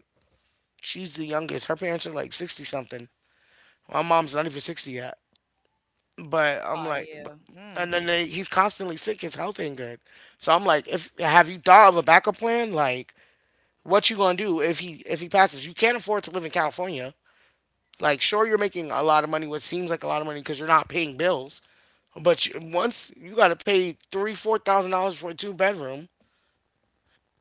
S1: she's the youngest, her parents are like 60 something, my mom's not even 60 yet, but I'm
S2: Oh,
S1: like, but,
S2: yeah. Mm.
S1: and then they, he's constantly sick, his health ain't good. So I'm like, if, have you thought of a backup plan? Like what you gonna do if he, if he passes, you can't afford to live in California. Like, sure, you're making a lot of money, what seems like a lot of money, because you're not paying bills. But you, once you got to pay three, $4,000 for a two bedroom,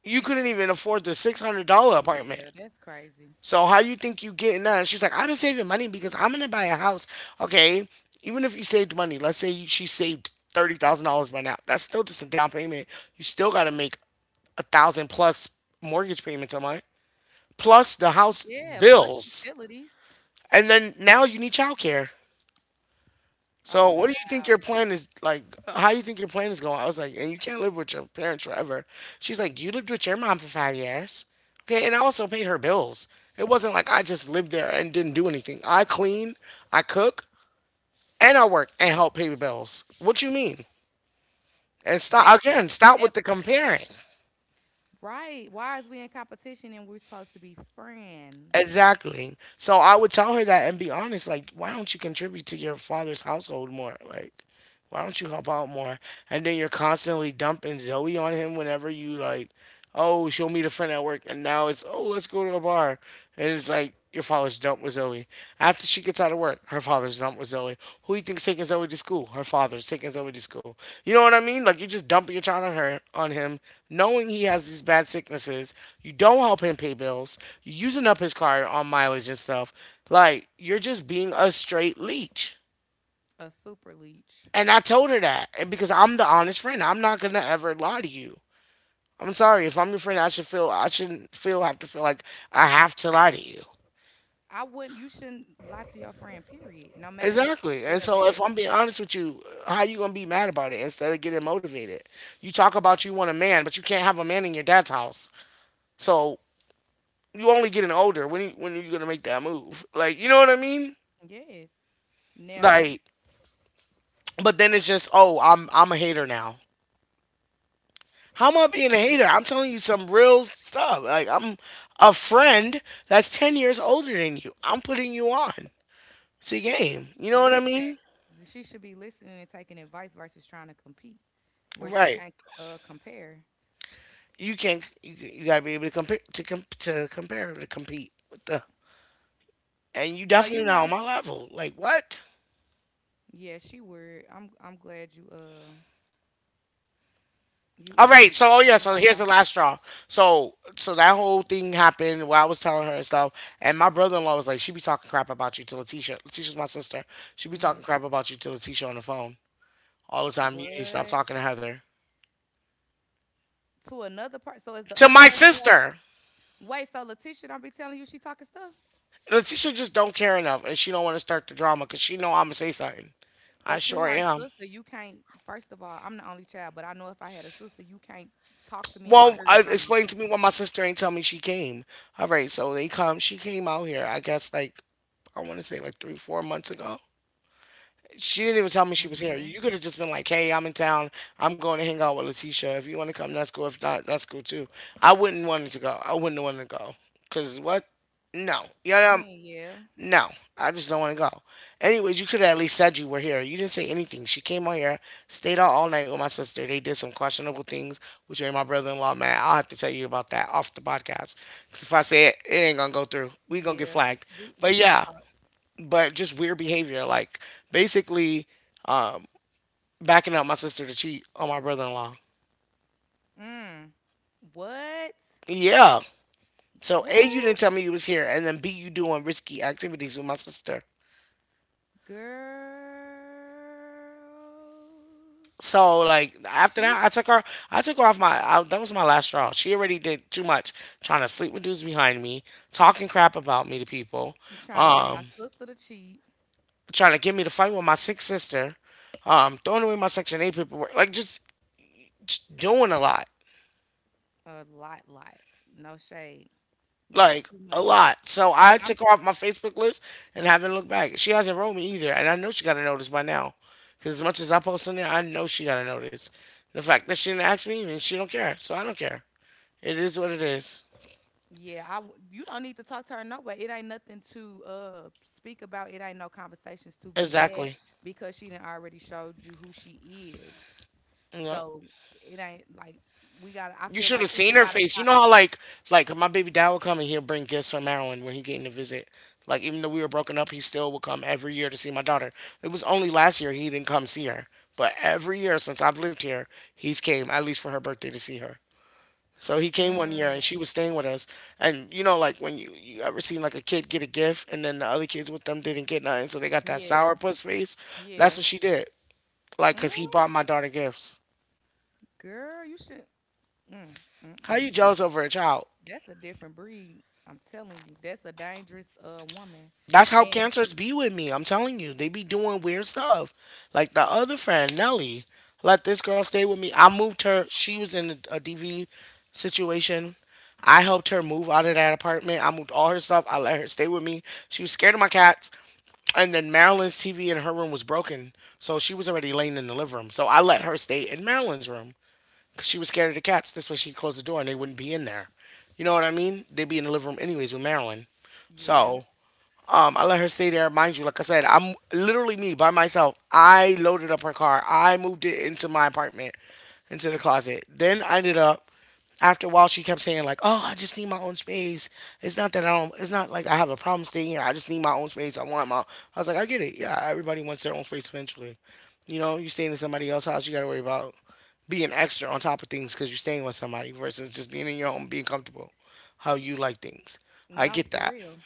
S1: you couldn't even afford the $600 apartment.
S2: Yeah, that's crazy.
S1: So how you think you getting that? And she's like, I've been saving money because I'm gonna buy a house. Okay, even if you saved money, let's say you, she saved $30,000 by now, that's still just a down payment. You still got to make a thousand plus mortgage payments a month, plus the house
S2: Yeah, plus
S1: bills,
S2: utilities.
S1: and then now you need childcare.
S2: Oh,
S1: So what do you think your
S2: wow.
S1: plan is like? How do you think your plan is going? I was like, and you can't live with your parents forever. She's like, you lived with your mom for 5 years, okay, and I also paid her bills. It wasn't like I just lived there and didn't do anything. I clean, I cook, and I work and help pay the bills. What you mean? And
S2: That
S1: stop again.
S2: part.
S1: Stop with
S2: That
S1: the
S2: part.
S1: comparing.
S2: Right. Why is we in competition and we're supposed to be friends?
S1: Exactly. So I would tell her that and be honest. Like, why don't you contribute to your father's household more? Like, why don't you help out more? And then you're constantly dumping Zoe on him whenever you, like, oh, she'll meet a friend at work, and now it's, oh, let's go to a bar, and it's like your father's dumped with Zoe. After she gets out of work, her father's dumped with Zoe. Who you think's taking Zoe to school? Her father's taking Zoe to school. You know what I mean? Like you're just dumping your child on her, on him, knowing he has these bad sicknesses. You don't help him pay bills. You're using up his card on mileage and stuff. Like you're just being a straight leech.
S2: A super leech.
S1: And I told her that, and because I'm the honest friend, I'm not gonna ever lie to you. I'm sorry, if I'm your friend, I should feel, I shouldn't feel, have to feel like I have to lie to you.
S2: I wouldn't. You shouldn't lie to your friend. Period. No matter if it's
S1: Exactly. And
S2: good or
S1: so if
S2: bad.
S1: I'm being honest with you, how you gonna be mad about it instead of getting motivated? You talk about you want a man, but you can't have a man in your dad's house. So you only getting older. When you, when are you gonna make that move? Like, you know what I mean?
S2: Yes. Never,
S1: Like, but then it's just, oh, I'm a hater now. How am I being a hater? I'm telling you some real stuff. Like I'm a friend that's 10 years older than you. I'm putting you on. It's a game. You know what I
S2: listen.
S1: mean?
S2: She should be listening and taking advice versus trying to compete, where she
S1: Right.
S2: can't compare.
S1: You can't. You gotta be able to compare to to compare to compete with the. And you
S2: So you
S1: definitely not on
S2: know,
S1: my level. Like what?
S2: yeah, she would. I'm glad you you
S1: All
S2: uh
S1: right. So, oh yeah.
S2: cut
S1: So
S2: her
S1: here's
S2: off.
S1: the last straw. So that whole thing happened while I was telling her and stuff. And my brother in law was like, she be talking crap about you to Letitia. Letitia's my sister. She be talking
S2: Hmm.
S1: crap about you to Letitia on the phone all the time. You need to stop
S2: What
S1: talking to Heather.
S2: to another part? So is the
S1: To
S2: other
S1: my
S2: person?
S1: sister,
S2: Wait, so Letitia don't be telling you she talking stuff?
S1: Letitia just don't care enough, and she don't want to start the drama because she know I'm gonna say something. I
S2: But you
S1: sure
S2: her
S1: am.
S2: sister, you can't, first of all, I'm the only child, but I know if I had a sister, you can't talk to me in my
S1: Well,
S2: ear
S1: I,
S2: about
S1: explain to me why my sister ain't tell me she came. All right, so they come. She came out here. I guess, like, I want to say like three, 4 months ago. She didn't even tell me
S2: my.
S1: she was here.
S2: Mhm.
S1: You could have just been like, "Hey, I'm in town. I'm going to hang out with Letitia. If you want to come, that's cool. If not, that's cool too." I wouldn't want to go. I wouldn't want to go. Cause what? No. You
S2: I
S1: know,
S2: mean, yeah.
S1: no, I just don't want to go. Anyways, you could have at least said you were here. You didn't say anything. She came on here, stayed out all night with my sister. They did some questionable things, which made my brother in law mad. I'll have to tell you about that off the podcast. Because if I say it, it ain't going to go through. We going to get
S2: Yeah.
S1: flagged.
S2: We
S1: But
S2: gonna
S1: yeah,
S2: talk.
S1: but just weird behavior. Like basically, um, backing up my sister to cheat on my brother in law.
S2: Mm. What?
S1: Yeah. So,
S2: What?
S1: A, you didn't tell me you was here. And then B, you doing risky activities with my sister.
S2: Girl.
S1: So like after
S2: She
S1: that, I took her off my, I, that was my last straw. She already did too much, trying to sleep with dudes behind me, talking crap about me to people,
S2: trying to get my
S1: um,
S2: sister to cheat.
S1: trying to get me to fight with my sick sister, throwing away my Section Eight paperwork, like just doing a lot,
S2: A lot, lot. No shade. That's
S1: like
S2: too
S1: a
S2: much.
S1: lot. So
S2: So
S1: I
S2: I'm,
S1: took her off my Facebook list and haven't looked back. She hasn't wrote me either, and I know she got a notice by now, because as much as I post in there, I know she got a notice. The fact that she didn't ask me means she don't care, so I don't care. It is what it is.
S2: yeah, you don't need to talk to her no way. It ain't nothing to speak about. It ain't no conversations to be had
S1: Exactly.
S2: because she done already showed you who she is.
S1: Yeah.
S2: So it ain't like we got to. I
S1: You
S2: feel
S1: should
S2: like
S1: have
S2: people
S1: seen her
S2: gotta
S1: face. You
S2: stop.
S1: know how, like my baby dad would come and he'll bring gifts from Maryland when he came to visit. Like even though we were broken up, he still would come every year to see my daughter. It was only last year he didn't come see her. But every year since I've lived here, he's came at least for her birthday to see her. So he came one year and she
S2: Mm,
S1: was staying with us. And you know, like when you ever seen like a kid get a gift and then the other kids with them didn't get nothing, so they got that
S2: yeah,
S1: sourpuss face. That's
S2: yeah.
S1: what she did. Like,
S2: Mm,
S1: cause he bought my daughter gifts.
S2: girl, you should. Mm,
S1: How
S2: mm-mm.
S1: you jealous over a child?
S2: That's a different breed. I'm telling you, that's a dangerous woman.
S1: That's how
S2: And
S1: cancers be with me. I'm telling you, they be doing weird stuff. Like the other friend, Nelly, let this girl stay with me. I moved her. She was in a, DV situation. I helped her move out of that apartment. I moved all her stuff. I let her stay with me. She was scared of my cats. And then Marilyn's TV in her room was broken. So she was already laying in the living room. So I let her stay in Marilyn's room because she was scared of the cats. This way she closed the door and they wouldn't be in there. You know what I mean? They'd be in the living room anyways with Marilyn.
S2: yeah,
S1: So, I let her stay there. Mind you, like I said, I'm literally me by myself. I loaded up her car. I moved it into my apartment, into the closet. Then I ended up, after a while she kept saying like, "Oh, I just need my own space. It's not that I don't. It's not like I have a problem staying here. I just need my own space. I want my." I was like, "I get it. Yeah, everybody wants their own space eventually. You know, you staying in somebody else's house, you got to worry about being extra on top of things because you're staying with somebody versus just being in your home, being comfortable, how you like things. I
S2: no,
S1: get
S2: for
S1: that."
S2: real,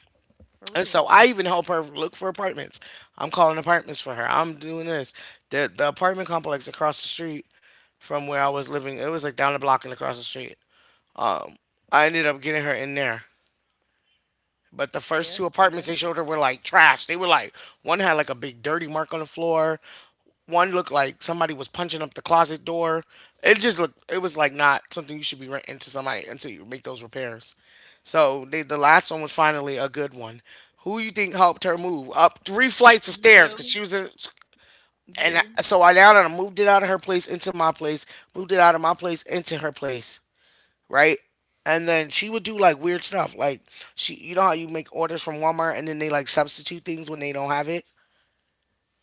S2: for
S1: And
S2: real.
S1: so I even help her look for apartments. I'm calling apartments for her. I'm doing this. The apartment complex across the street from where I was living, it was like down the block and across the street. Um, I ended up getting her in there. But the first
S2: Yeah,
S1: two
S2: yeah.
S1: apartments they showed her were like trash. They were like one had like a big dirty mark on the floor. One looked like somebody was punching up the closet door. It just looked it was like not something you should be renting to somebody until you make those repairs. So they, the last one was finally a good one. Who you think helped her move up three flights of stairs because
S2: You,
S1: she was in, and
S2: you.
S1: I, so I now that I moved it out of her place into my place, moved it out of my place into her place, right? And then she would do like weird stuff, like she, you know how you make orders from Walmart and then they like substitute things when they don't have it.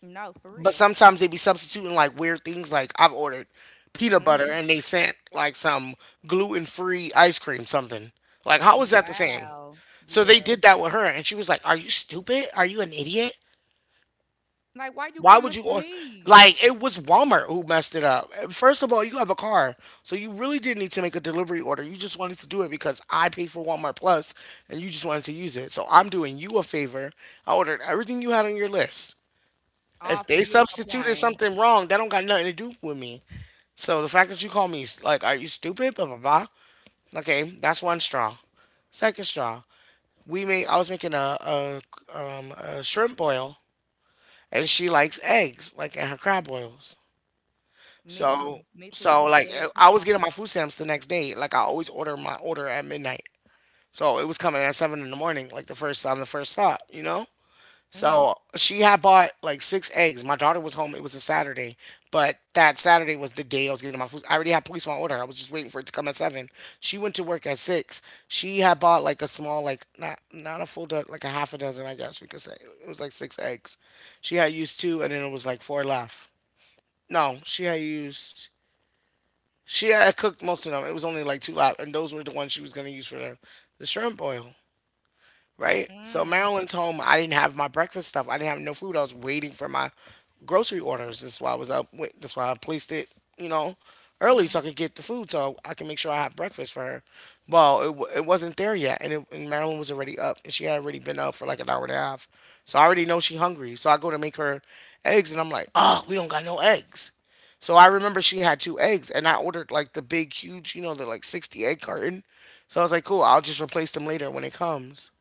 S2: No, for
S1: But
S2: real.
S1: sometimes they be substituting like weird things. Like I've ordered peanut butter
S2: Hmm.
S1: and they sent like some gluten free ice cream, something. Like, how is that the same?
S2: Wow.
S1: So they
S2: Yeah.
S1: did that with her and she was like, "Are you stupid? Are you an idiot?
S2: Like, why you
S1: Why would
S2: coming
S1: you
S2: for
S1: order?
S2: me?
S1: Like, it was Walmart who messed it up. First of all, you have a car. So you really didn't need to make a delivery order. You just wanted to do it because I paid for Walmart Plus and you just wanted to use it. So I'm doing you a favor. I ordered everything you had on your list.
S2: All
S1: If
S2: for
S1: they
S2: you to
S1: substituted
S2: complain.
S1: something wrong, that don't got nothing to do with me." So the fact that you call me s- like, are you stupid? Blah blah blah. Okay, that's one straw. Second straw, we made. I was making a shrimp boil, and she likes eggs, like in her crab boils.
S2: Me too.
S1: So
S2: Me too. I
S1: so
S2: need
S1: like
S2: eggs and
S1: I was getting
S2: sausage.
S1: my food stamps the next day. Like I always order my order at midnight. So it was coming at seven in the morning, like the first time, the first stop, you know.
S2: Mm-hmm.
S1: So she had bought like six eggs. My daughter was home. It was a Saturday, but that Saturday was the day I was getting my food. I already had police on order. I was just waiting for it to come at seven. She went to work at six. She had bought like a small, like not a full, like a half a dozen, I guess we could say. It was like six eggs. She had used two, and then it was like four left. No, she had used. She had cooked most of them. It was only like two left, and those were the ones she was gonna use for the shrimp boil, right? So
S2: Mm.
S1: Marilyn's home. I didn't have my breakfast stuff. I didn't have no food. I was waiting for my grocery orders. That's why I was up. Wait, that's why I placed it, you know, early
S2: Mm-hmm.
S1: so I could get the food so I can make sure I have breakfast for her. Well, it wasn't there yet, and Marilyn was already up, and she had already been up for like an hour and a half. So I already know she hungry. So I go to make her eggs, and I'm like, oh, we don't got no eggs. So I remember she had two eggs, and I ordered like the big, huge, you know, the like 60 egg carton. So I was like, cool, I'll just replace them later when it comes.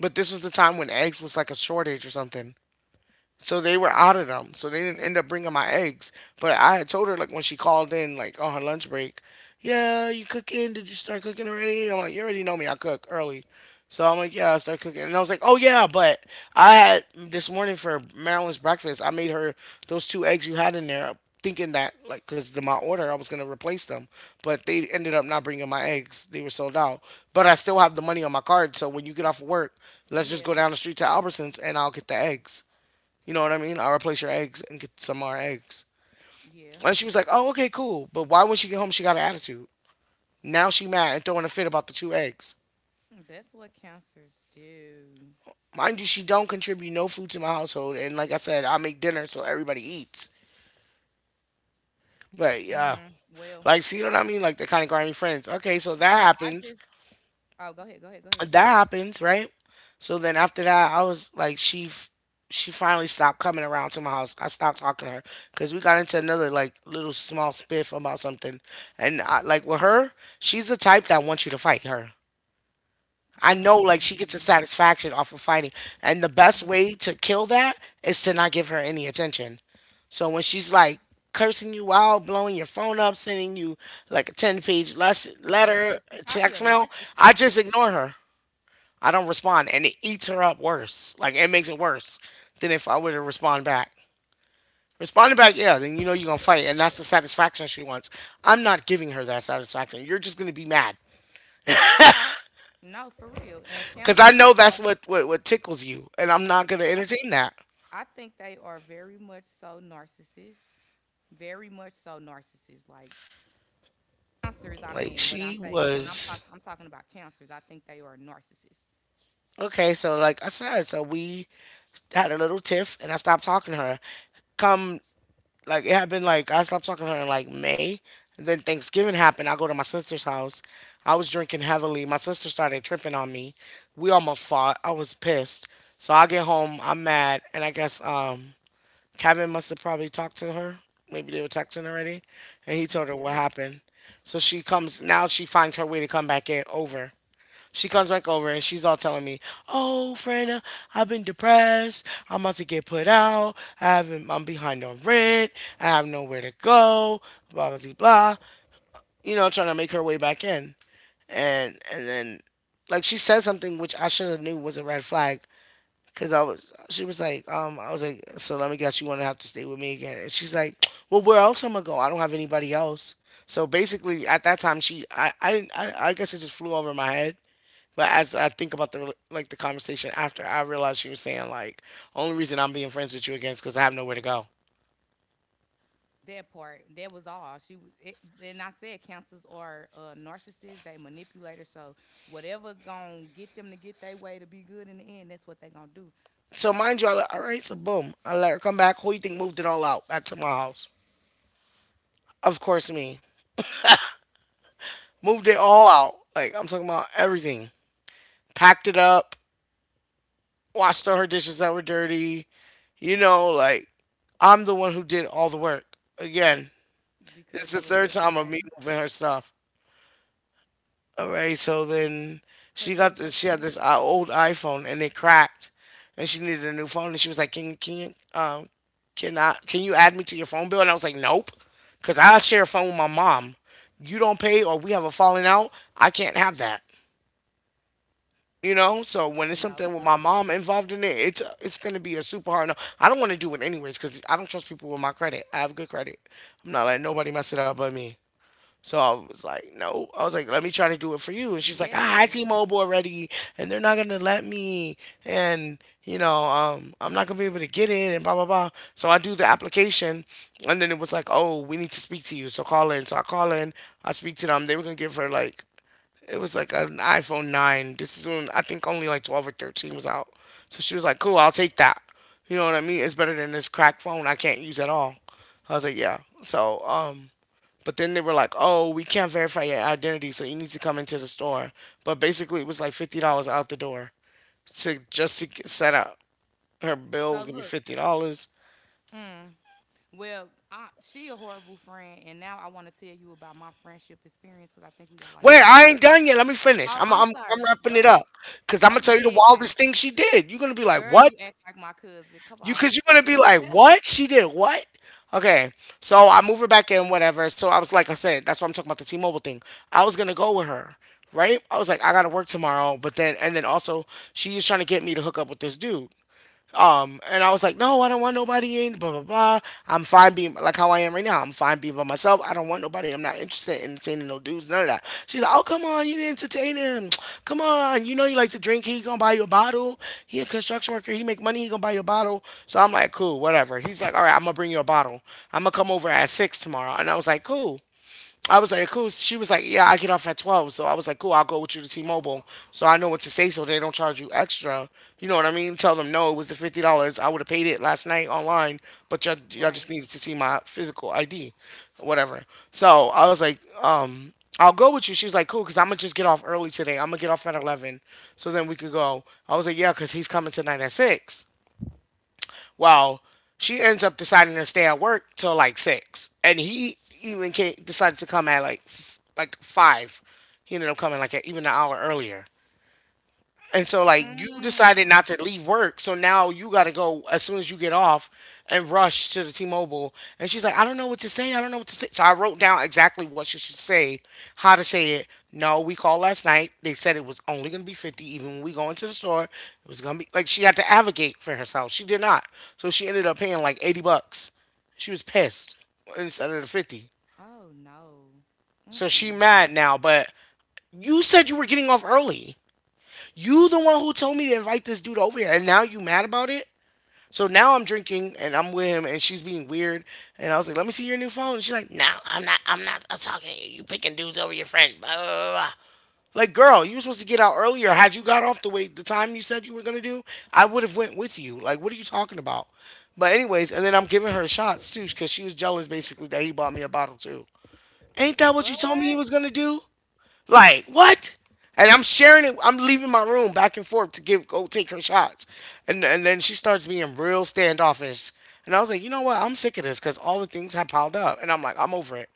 S1: But this was the time when eggs was like a shortage or something. So they were out of them. So they didn't end up bringing my eggs. But I had told her like when she called in like on her lunch break, yeah, you cooking? Did you start cooking already? I'm like, you already know me. I cook early. So I'm like, yeah, I start cooking. And I was like, oh yeah, but I had this morning for Marilyn's breakfast. I made her those two eggs you had in there, thinking that like because my order I was gonna replace them, but they ended up not bringing my eggs. They were sold out. But I still have the money on my card. So when you get off of work, let's just
S2: Yeah.
S1: go down the street to Albertsons and I'll get the eggs. You know what I mean? I'll replace your eggs and get some more eggs.
S2: Yeah.
S1: And she was like, oh, okay, cool. But why when she get home, she got an attitude. Now she mad and throwing a fit about the two eggs.
S2: That's what counselors do.
S1: Mind you, she don't contribute no food to my household. And like I said, I make dinner so everybody eats. But yeah,
S2: Mm. Well,
S1: like, see what I mean? Like, they're kind of grimy friends. Okay, so that
S2: but I just.
S1: happens.
S2: Oh, go ahead. Go ahead. Go ahead.
S1: That happens, right? So then after that, I was like, she finally stopped coming around to my house. I stopped talking to her because we got into another like little small spiff about something, and I, like with her, she's the type that wants you to fight her. I know, like she gets a
S2: Mm.
S1: satisfaction off of fighting, and the best way to kill that is to not give her any attention. So when she's like cursing you out, blowing your phone up, sending you like a ten-page lesson,
S2: Yeah,
S1: letter,
S2: she's probably a
S1: text mail, I
S2: narcissist too.
S1: just ignore her. I don't respond, and it eats her up worse. Like it makes it worse than if I were to respond back. Responding back, yeah, then you know you're gonna fight, and that's the satisfaction she wants. I'm not giving her that satisfaction. You're just gonna be mad
S2: No, for real. And
S1: because I
S2: counselors
S1: know that's
S2: are.
S1: what tickles you, and I'm not gonna entertain that.
S2: I think they are very much so narcissists, very much so narcissists. Like cancers, I
S1: Like
S2: mean, when I
S1: she
S2: say, when
S1: was
S2: I'm talking about cancers. I think they are narcissists.
S1: okay. So like I said, so we had a little tiff, and I stopped talking to her. Come like it happened like I stopped talking to her in like May. And then Thanksgiving happened. I go to my sister's house. I was drinking heavily. My sister started tripping on me. We almost fought. I was pissed. So I get home, I'm mad, and I guess Kevin must have probably talked to her. Maybe they were texting already. And he told her what happened. So she comes now she finds her way to come back in over. She comes back over and she's all telling me, "Oh, Frana, I've been depressed. I'm about to get put out. I haven't. I'm behind on rent. I have nowhere to go. Blah blah blah." You know, trying to make her way back in, and then like she said something which I should have knew was a red flag because I was. She was like, I was like, so let me guess, you want to have to stay with me again? And she's like, well, where else am I gonna go? I don't have anybody else. So basically, at that time, she, I, didn't, I guess it just flew over my head but as I think about the like the conversation after, I realized she was saying like, only reason I'm being friends with you again is because I have nowhere to go.
S2: That part, that was all. She was. It, and I said cancers are narcissists. They manipulators. So whatever gonna get them to get their way to be good in the end, that's what they gonna do.
S1: So mind you, I let, all right, so boom, I let her come back. Who you think moved it all out back to my house? Of course, me. Moved it all out. Like I'm talking about everything. Packed it up. Washed all her dishes that were dirty. You know, like I'm the one who did all the work. Again, this is
S2: Because
S1: the
S2: you a
S1: third
S2: good.
S1: time of me moving her stuff. All right, so then she
S2: Because you a
S1: got
S2: good.
S1: this. She had this old iPhone and it cracked, and she needed a new phone. And she was like, "Can you add me to your phone bill?" And I was like, "Nope, because I share a phone with my mom. You don't pay, or we have a falling out. I can't have that." You know, so when it's
S2: No,
S1: something
S2: for
S1: with my
S2: real.
S1: mom involved in it, it's gonna be a super hard no. I don't want to do it anyways because I don't trust people with my credit. I have good credit. I'm not letting nobody mess it up but me. So I was like, no. I was like, let me try to do it for you. And she's like, ah, I
S2: Yes.
S1: T-Mobile already, and they're not gonna let me, and I'm not gonna be able to get in, and blah blah blah. So I do the application, and then it was like, oh, we need to speak to you, so call in. So I call in, I speak to them. They were gonna give her like, it was like an iPhone nine. This is when I think only like 12 or 13 was out. So she was like, cool, I'll take that. You know what I mean? It's better than this crack phone I can't use at all. I was like, yeah. But then they were like, "Oh, we can't verify your identity, so you need to come into the store." But basically, it was like $50 out the door to just to get set up. Her bill
S2: So
S1: was gonna be
S2: look.
S1: $50.
S2: Mm, well, I, she a horrible friend, and now I want to tell you about my friendship experience because I think we got like
S1: Wait, I
S2: 20.
S1: ain't done yet. Let me finish.
S2: Oh,
S1: I'm
S2: I'm
S1: I'm
S2: sorry.
S1: I'm
S2: Go
S1: wrapping it
S2: ahead.
S1: up because I'm
S2: Go
S1: gonna tell you the
S2: ahead, gang.
S1: wildest thing she did. You're gonna be like,
S2: Girl, you
S1: "What?"
S2: act like my cousin. Come
S1: You,
S2: on.
S1: because you're gonna be like, what? She did what? Okay, so I move her back in, whatever. So I was like I said, that's why I'm talking about the T-Mobile thing. I was gonna go with her, right? I was like, I gotta work tomorrow, but then and then also she is trying to get me to hook up with this dude. And I was like, no, I don't want nobody in, blah, blah, blah. I'm fine being like how I am right now. I'm fine being by myself. I don't want nobody. I'm not interested in entertaining no dudes, none of that. She's like, oh, come on, you didn't entertain him. Come on. You know you like to drink. He gonna buy you a bottle. He a construction worker. He make money. He gonna buy you a bottle. So I'm like, cool, whatever. He's like, all right, I'm gonna bring you a bottle. I'm gonna come over at six tomorrow. And I was like, cool. I was like, cool. She was like, yeah, I get off at 12. So I was like, cool, I'll go with you to T Mobile. So I know what to say so they don't charge you extra. You know what I mean? Tell them, no, it was the $50. I would have paid it last night online, but y'all just
S2: Right.
S1: needed to see my physical ID, whatever. So I was like, I'll go with you. She was like, cool, because I'm going to just get off early today. I'm going to get off at 11 so then we could go. I was like, yeah, because he's coming tonight at 6. Well, she ends up deciding to stay at work till like six, and he even came, decided to come at like like five. He ended up coming like a, even an hour earlier. And so like you decided
S2: Mm.
S1: not to leave work, so now you got to go as soon as you get off and rush to the T-Mobile. And she's like, "I don't know what to say. I don't know what to say." So I wrote down exactly what she should say, how to say it. No, we called last night. They said it was only going to be 50 even when we go into the store. It was going to be like she had to advocate for herself. She did not. So she ended up paying like 80 bucks. She was pissed instead of the 50.
S2: Oh no.
S1: So she
S2: Mm-mm.
S1: mad now, but you said you were getting off early. You the one who told me to invite this dude over here, and now you mad about it? So now I'm drinking and I'm with him, and she's being weird. And I was like, "Let me see your new phone." And she's like, "No, I'm not. I'm talking to you. You picking dudes over your friend." Blah, blah, blah, blah. Like, girl, you were supposed to get out earlier. Had you got off the way the time you said you were gonna do, I would have went with you. Like, what are you talking about? But anyways, and then I'm giving her shots too, cause she was jealous basically that he bought me a bottle too. Ain't that what you told me he
S2: What?
S1: was gonna do? Like what? And I'm sharing it. I'm leaving my room back and forth to give go take her shots, and then she starts being real standoffish. And I was like, you know what? I'm sick of this because all the things have piled up, and I'm like, I'm over it.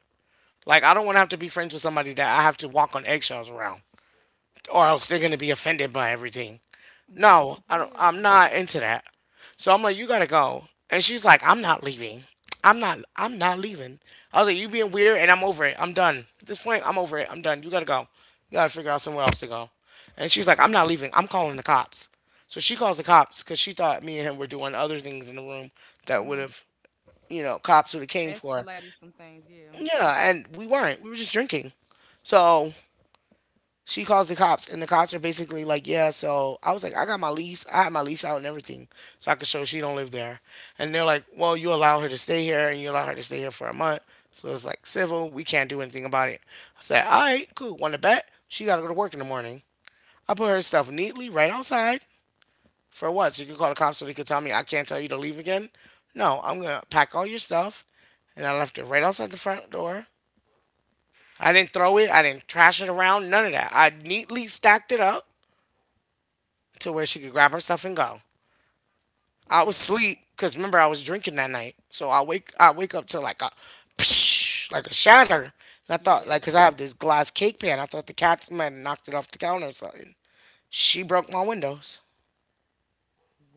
S1: Like I don't want to have to be friends with somebody that I have to walk on eggshells around or else they're gonna be offended by everything.
S2: No,
S1: No,
S2: for real.
S1: I'm not into that. So I'm like, you gotta go. And she's like, I'm not leaving. I'm not leaving. I was like, you being weird, and I'm over it. I'm done. At this point, I'm over it. I'm done. You gotta go. You gotta figure out somewhere else to go. And she's like, I'm not leaving. I'm calling the cops. So she calls the cops because she thought me and him were doing other things in the room that would
S2: Hmm.
S1: have, cops would have came for her.
S2: Escalated some things, yeah.
S1: Yeah, and we weren't. We were just drinking. So she calls the cops and the cops are basically like, yeah. So I was like, I got my lease. I had my lease out and everything so I could show she don't live there. And they're like, well, you allow her to stay here and you allow her to stay here for a month, so it's like civil, we can't do anything about it. I said, all right, cool, want to bet she got to go to work in the morning. I put her stuff neatly right outside. For what? So you can call the cops so they can tell me I can't tell you to leave again? No, I'm gonna pack all your stuff. And I left it right outside the front door. I didn't throw it. I didn't trash it around. None of that. I neatly stacked it up to where she could grab her stuff and go. I was
S2: That
S1: asleep
S2: part.
S1: because remember I was drinking that night, so I wake up to like a psh, like a shatter. And I thought like
S2: Yeah.
S1: because I have this glass cake pan, I thought the cats might have knocked it off the counter or something. She broke my windows.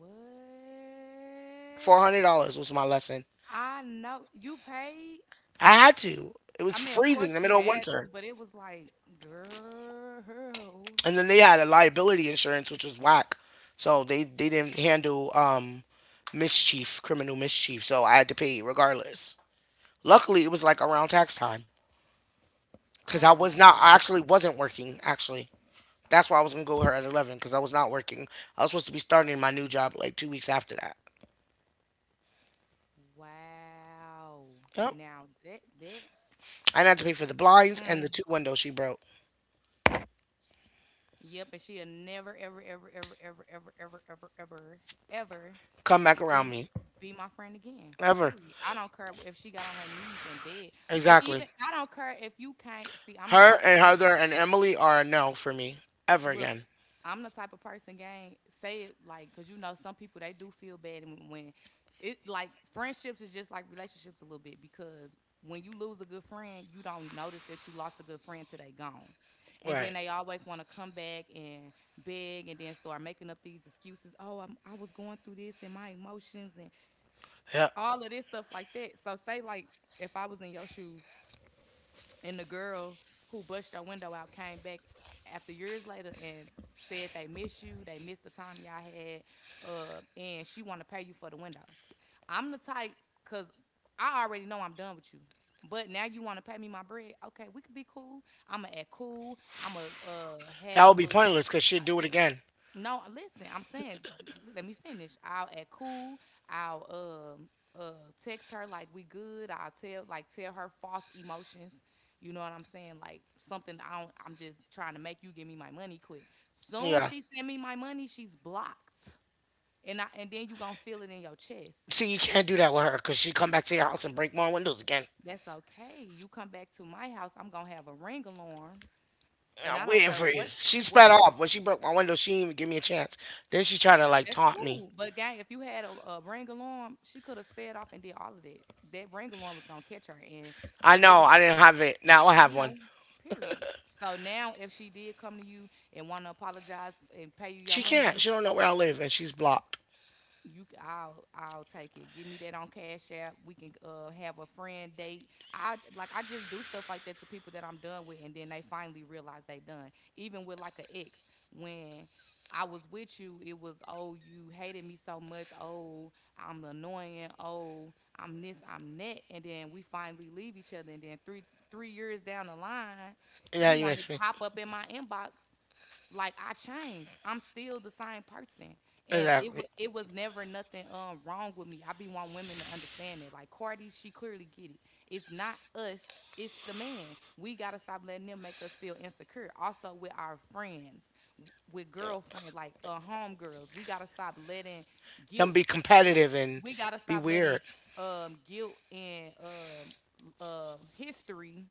S2: What?
S1: $400 was my lesson.
S2: I know you paid.
S1: I had to. It was
S2: I mean, of
S1: freezing in the
S2: course you
S1: middle of
S2: had
S1: winter,
S2: to, but it was like, girl.
S1: and then they had a liability insurance which was whack, so they didn't handle mischief, criminal mischief. So I had to pay regardless. Luckily, it was like around tax time. Because I
S2: Oh
S1: was not. I
S2: no.
S1: actually wasn't working. Actually, that's why I was gonna go with her at 11 because I was not working. I was supposed to be starting my new job like 2 weeks after that.
S2: Wow.
S1: Yep.
S2: Now that that's
S1: I had to pay for the blinds and
S2: mm.
S1: the two windows she broke.
S2: Yep, and she'll never, ever, ever, ever, ever, ever, ever, ever, ever, ever
S1: Come back around
S2: be
S1: me
S2: be my friend again.
S1: ever.
S2: Period. I don't care if she got on her knees in bed, and
S1: Exactly.
S2: even I don't care if you can't see. I'm the
S1: Her
S2: type of
S1: and
S2: person,
S1: Heather and Emily are a no for me ever
S2: look,
S1: again.
S2: I'm the type of person, gang. Say it like, cause you know some people they do feel bad when it, like friendships is just like relationships a little bit, because when you lose a good friend, you don't notice that you lost a good friend till they gone. And then
S1: Right.
S2: they always want to come back and beg and then start making up these excuses. Oh, I was going through this and my emotions and
S1: Yep.
S2: all of this stuff like that. So, say, like, if I was in your shoes, and the girl who busted our window out came back after years later and said they miss you, they missed the time y'all had, and she want to pay you for the window. I'm the type, cause I already know I'm done with you. But now you want to pay me my bread? Okay, we could be cool. I'ma act cool. I'ma
S1: That
S2: have
S1: would be
S2: little,
S1: pointless because she'd do it again.
S2: no, listen, I'm saying, let me finish. I'll act cool. I'll um text her like we good. I'll tell, like, tell her false emotions. You know what I'm saying? Like something I don't, I'm just trying to make you give me my money quick. Soon
S1: Yeah.
S2: she send me my money, she's blocked. And then you gonna feel it in your chest.
S1: See, you can't do that with her because she'd come back to your house and break more windows again.
S2: That's okay. You come back to my house, I'm gonna have a ring alarm,
S1: Yeah,
S2: and
S1: I'm
S2: I don't
S1: waiting
S2: care
S1: for you.
S2: what
S1: She
S2: what.
S1: sped off when she broke my window. She didn't even give me a chance. Then she tried to like
S2: That's
S1: taunt me.
S2: cool. But gang, if you had a ring alarm, she could have sped off and did all of that. That ring alarm was gonna catch her and
S1: I know
S2: whether,
S1: I didn't have it. Now I
S2: I
S1: have one.
S2: know, period. So now if she did come to you and wanna apologize and pay you your
S1: She
S2: money,
S1: can't.
S2: you,
S1: She don't know where I live, and she's blocked.
S2: I'll I'll take it. Give me that on Cash App. We can have a friend date. I like, I just do stuff like that to people that I'm done with and then they finally realize they done. Even with like an ex, when I was with you, it was oh you hated me so much. Oh, I'm annoying. Oh, I'm this, I'm that. And then we finally leave each other and then 3 years down the line, you
S1: Yeah, you
S2: want to
S1: makes me
S2: hop up in my inbox like I changed. I'm still the same person, and it was
S1: exactly.
S2: it was never nothing wrong with me. I be want women to understand it. Like Cardi, she clearly get it. It's not us. It's the man. We gotta stop letting them make us feel insecure. Also with our friends, with girlfriend, like homegirls, we gotta stop letting
S1: Them
S2: guilt.
S1: be
S2: w-
S1: competitive and
S2: We gotta
S1: be
S2: stop letting
S1: weird.
S2: guilt and history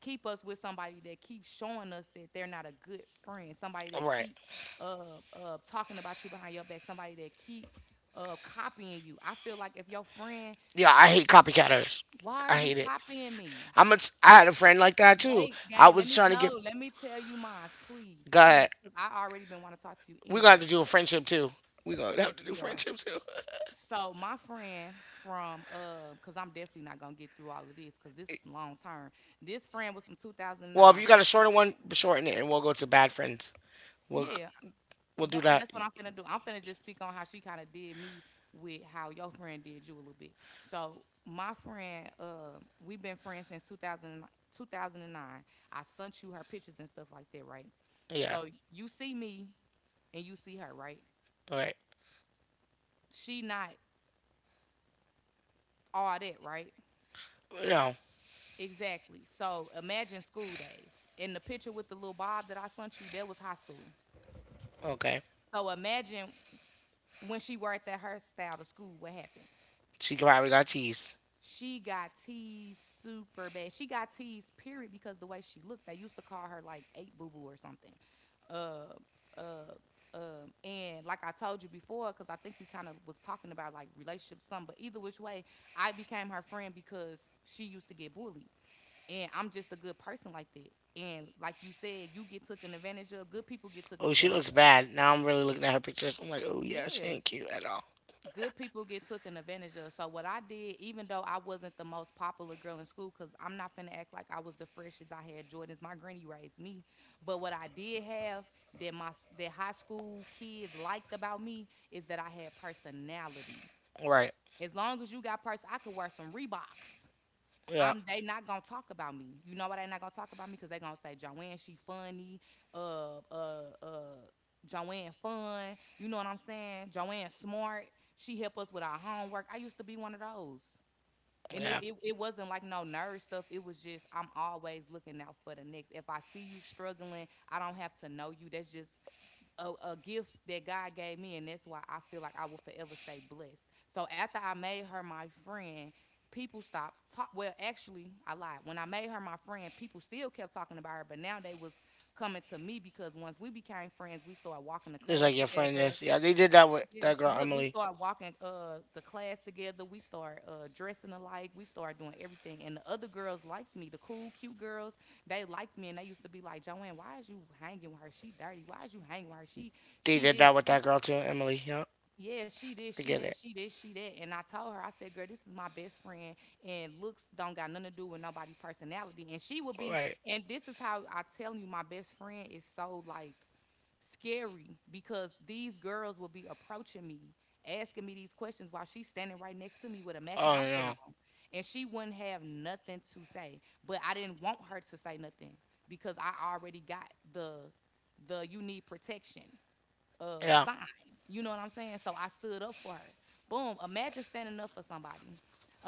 S2: keep us with somebody that keeps showing us that they're not a good friend, somebody
S1: All
S2: that
S1: right.
S2: keep talking about you behind your back, somebody that keep copying you. I feel like if your friend,
S1: Yeah, I hate copycatters.
S2: why are
S1: I
S2: you
S1: hate it.
S2: copying me?
S1: I had a friend like that too.
S2: Wait,
S1: I
S2: gang, let
S1: was
S2: me
S1: trying to get.
S2: know. Let me tell you mine, please,
S1: God,
S2: please. Because I already been want to talk to you
S1: we gonna have
S2: anyway.
S1: to do a friendship too. We gonna
S2: Yes,
S1: have to
S2: we
S1: do
S2: are.
S1: friendship too.
S2: So my friend from cause I'm definitely not gonna get through all of this, cause this is long term. This friend was from
S1: Well,
S2: 2009.
S1: if
S2: I,
S1: you got a shorter one, shorten it, and we'll go to bad friends. We'll
S2: yeah,
S1: we'll
S2: That,
S1: do
S2: I- that's
S1: that.
S2: what I'm finna do. I'm finna just speak on how she kind of did me with how your friend did you a little bit. So my friend, we've been friends since 2000, 2009. I sent you her pictures and stuff like that, right?
S1: Yeah.
S2: So you see me and you see her, right?
S1: All right.
S2: She not all that, right?
S1: No.
S2: Exactly. So imagine school days. In the picture with the little bob that I sent you, that was high school.
S1: Okay.
S2: So imagine when she worked at her style to school, what happened?
S1: She probably got teased.
S2: She got teased super bad. She got teased, period, because the way she looked. They used to call her like eight boo boo or something. Uh, uh, and like I told you before, because I think we kind of was talking about like relationships, some. But either which way, I became her friend because she used to get bullied, and I'm just a good person like that. And like you said, you get taken advantage of. Good people get taken
S1: Oh, she
S2: advantage
S1: looks
S2: of.
S1: bad. Now I'm really looking at her pictures. I'm like, oh yeah, she
S2: Yeah,
S1: ain't cute at all.
S2: good people get taken advantage of. So what I did, even though I wasn't the most popular girl in school, cause I'm not finna act like I was the freshest. I had Jordans. My granny raised me, but what I did have that my that high school kids liked about me is that I had personality.
S1: Right.
S2: As long as you got person, I could wear some Reeboks.
S1: Yeah.
S2: I'm they not gonna talk about me. You know why they not gonna talk about me? Cause they gonna say Joanne, she funny. Uh, uh, uh, Joanne fun. You know what I'm saying? Joanne smart. She help us with our homework. I used to be one of those. And it,
S1: Yeah.
S2: it, it wasn't like no nerd stuff. It was just I'm always looking out for the next. If I see you struggling, I don't have to know you. That's just a gift that God gave me, and that's why I feel like I will forever stay blessed. So after I made her my friend, people stopped talking. Well, actually, I lied. When I made her my friend, people still kept talking about her, but now they was coming to me because once we became friends, we started walking to
S1: It's
S2: class
S1: like your friend
S2: together.
S1: is. Yeah, they did that with
S2: Yeah,
S1: that girl
S2: look, we
S1: Emily.
S2: start walking the class together. We start dressing alike. We start doing everything. And the other girls liked me, the cool, cute girls. They liked me, and they used to be like, "Joanne, why is you hanging with her? She dirty. Why is you hanging with her?
S1: They
S2: She
S1: did
S2: this,
S1: that with
S2: she."
S1: that girl too, Emily. Yeah.
S2: Yeah, she this,
S1: I
S2: she
S1: get
S2: that,
S1: it.
S2: she this, she that. And I told her, I said, girl, this is my best friend, and looks don't got nothing to do with nobody personality. And she would be,
S1: Right.
S2: and this is how I tell you, my best friend is so like scary because these girls will be approaching me, asking me these questions while she's standing right next to me with a matching
S1: Oh
S2: outfit
S1: no.
S2: on. And she wouldn't have nothing to say. But I didn't want her to say nothing because I already got the you need protection
S1: Yeah.
S2: sign. You know what I'm saying? So I stood up for her. Boom. Imagine standing up for somebody.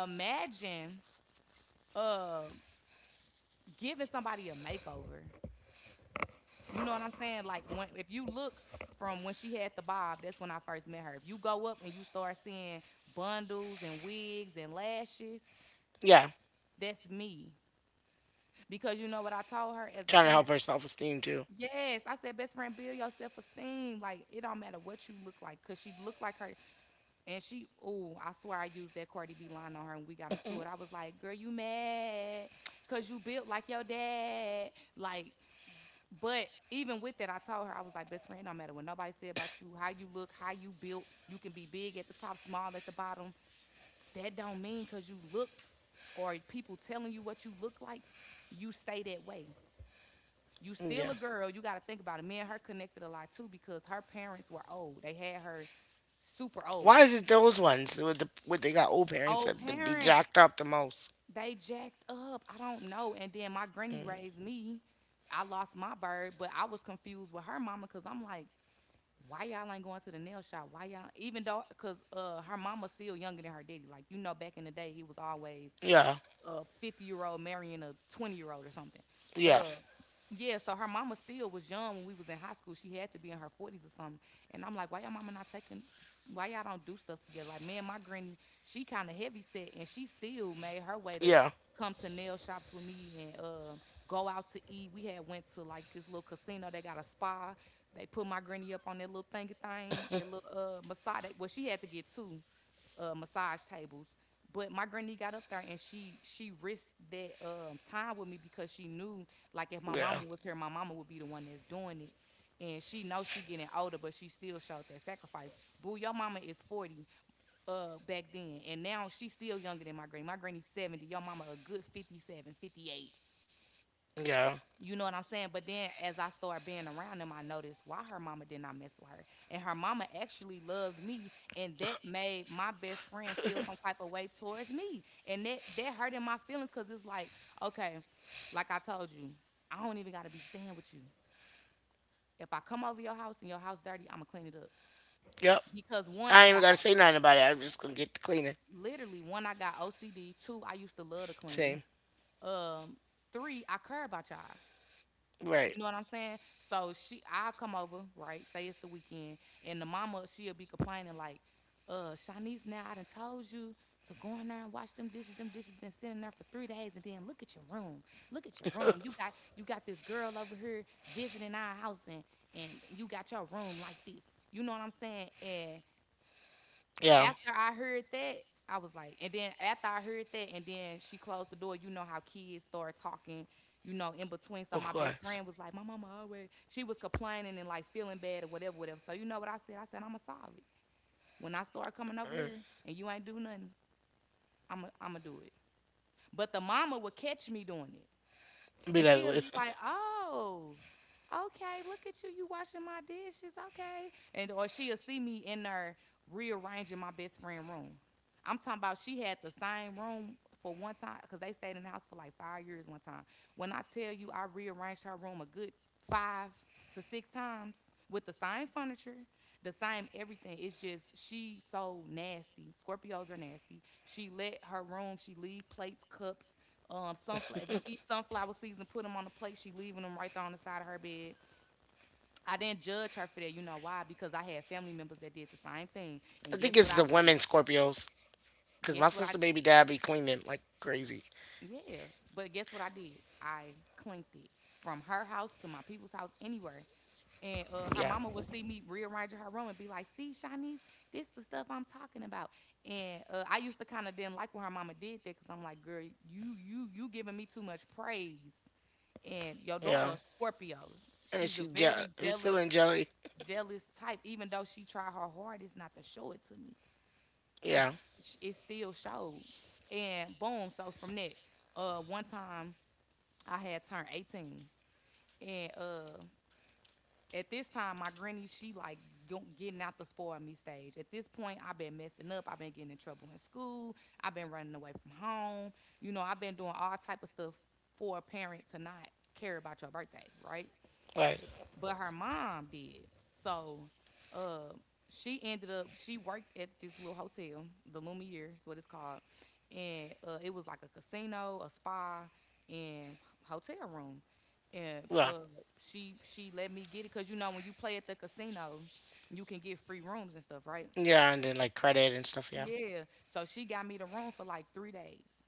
S2: Imagine uh, giving somebody a makeover. You know what I'm saying? Like when if you look from when she had the bob, that's when I first met her. If you go up and you start seeing bundles and wigs and lashes,
S1: Yeah.
S2: that's me. Because you know what I told her as a
S1: Trying to help
S2: friend?
S1: her self esteem too.
S2: Yes, I said, best friend, build your self esteem. Like, it don't matter what you look like. Cause she looked like her. And she, ooh, I swear I used that Cardi B line on her when we got into it. I was like, girl, you mad because you built like your dad. Like, but even with that, I told her, I was like, best friend, no matter what nobody said about you, how you look, how you built, you can be big at the top, small at the bottom. That don't mean because you look or people telling you what you look like, you stay that way. You still
S1: Yeah.
S2: a girl. You got to think about it. Me and her connected a lot too because her parents were old. They had her super
S1: Why
S2: old.
S1: is it those ones with they got old parents
S2: Old
S1: that be
S2: parents.
S1: jacked up the most?
S2: They jacked up. I don't know. And then my granny raised me. I lost my bird, but I was confused with her mama because I'm like, why y'all ain't going to the nail shop? Why y'all? Even though, cause her mama still younger than her daddy. Like you know, back in the day, he was always
S1: Yeah.
S2: a 50-year-old marrying a 20-year-old or something.
S1: Yeah.
S2: Uh, yeah, so her mama still was young when we was in high school. She had to be in her 40s or something. And I'm like, why y'all mama not taking, why y'all don't do stuff together? Like, me and my granny, she kind of heavy set and she still made her way to
S1: Yeah.
S2: come to nail shops with me and go out to eat. We had went to like this little casino. They got a spa. They put my granny up on that little thingy thing, that little massage. Well, she had to get two massage tables, but my granny got up there and she risked that time with me because she knew like if my
S1: Yeah.
S2: mama was here, my mama would be the one that's doing it. And she knows she getting older, but she still showed that sacrifice. Boo, your mama is 40 back then. And now she's still younger than my granny. My granny's 70. Your mama a good 57, 58.
S1: Yeah.
S2: You know what I'm saying? But then as I started being around them, I noticed why her mama did not mess with her. And her mama actually loved me. And that made my best friend feel some type of way towards me. And that hurted my feelings because it's like, okay, like I told you, I don't even gotta be staying with you. If I come over your house and your house dirty, I'ma clean it up.
S1: Yep.
S2: Because one,
S1: I ain't even gotta say nothing about it. I'm just gonna get the cleaning.
S2: I got OCD. Two, I used to love to clean.
S1: Same.
S2: Um, three, I care about y'all.
S1: Right.
S2: You know what I'm saying? So she, I come over, right? Say it's the weekend, and the mama, she'll be complaining like, Shanice, now I done told you to go in there and wash them dishes. Them dishes been sitting there for 3 days, and then look at your room. Look at your room. You got this girl over here visiting our house, and you got your room like this. You know what I'm saying?" And
S1: Yeah.
S2: after I heard that, I was like and then after I heard that, and then she closed the door, you know how kids start talking, you know, in between. So
S1: Of
S2: my best
S1: course.
S2: friend was like, my mama always she was complaining and like feeling bad or whatever, whatever. So you know what I said? I said, I'ma solve it. When I start coming over
S1: Mm.
S2: here and you ain't do nothing, I'ma I am do it. But the mama would catch me doing it.
S1: Be
S2: And
S1: like,
S2: she'll be
S1: wait.
S2: like, "Oh, okay, look at you, you washing my dishes, okay." And or she'll see me in there rearranging my best friend room. I'm talking about she had the same room for one time because they stayed in the house for like 5 years. One time, when I tell you I rearranged her room a good five to six times with the same furniture, the same everything. It's just she so nasty. Scorpios are nasty. She let her room, she leave plates, cups, sunflower. If you eat sunflower seeds and put them on the plate, she leaving them right there on the side of her bed. I didn't judge her for that. You know why? Because I had family members that did the same thing.
S1: I
S2: And
S1: think
S2: guess what
S1: it's
S2: I
S1: the
S2: did?
S1: women Scorpios, because
S2: Guess
S1: my
S2: what I
S1: sister
S2: did?
S1: baby dad be cleaning like crazy.
S2: Yeah, but guess what I did? I clinked it from her house to my people's house, anywhere. And her
S1: Yeah,
S2: mama would see me rearranging her room and be like, "See, Shanice, this the stuff I'm talking about." And I used to kind of didn't like when her mama did that because I'm like, "Girl, you giving me too much praise," and your daughter
S1: yeah,
S2: a Scorpio.
S1: and
S2: She's a very jealous,
S1: feeling jelly.
S2: jealous type. Even though she tried her hardest not to show it to me,
S1: Yeah,
S2: it's it still showed. And boom. So from that, one time I had turned 18, and at this time my granny she like getting out the spoil me stage. At this point, I've been messing up. I've been getting in trouble in school. I've been running away from home. You know, I've been doing all type of stuff for a parent to not care about your birthday, right?
S1: right.
S2: But her mom did. So uh, she ended up she worked at this little hotel, the Lumiere is what it's called, and it was like a casino, a spa, and hotel room. And
S1: Yeah,
S2: she let me get it because you know when you play at the casino, you can get free rooms and stuff, right?
S1: yeah, and then like credit and stuff. Yeah,
S2: Yeah. So she got me the room for like 3 days,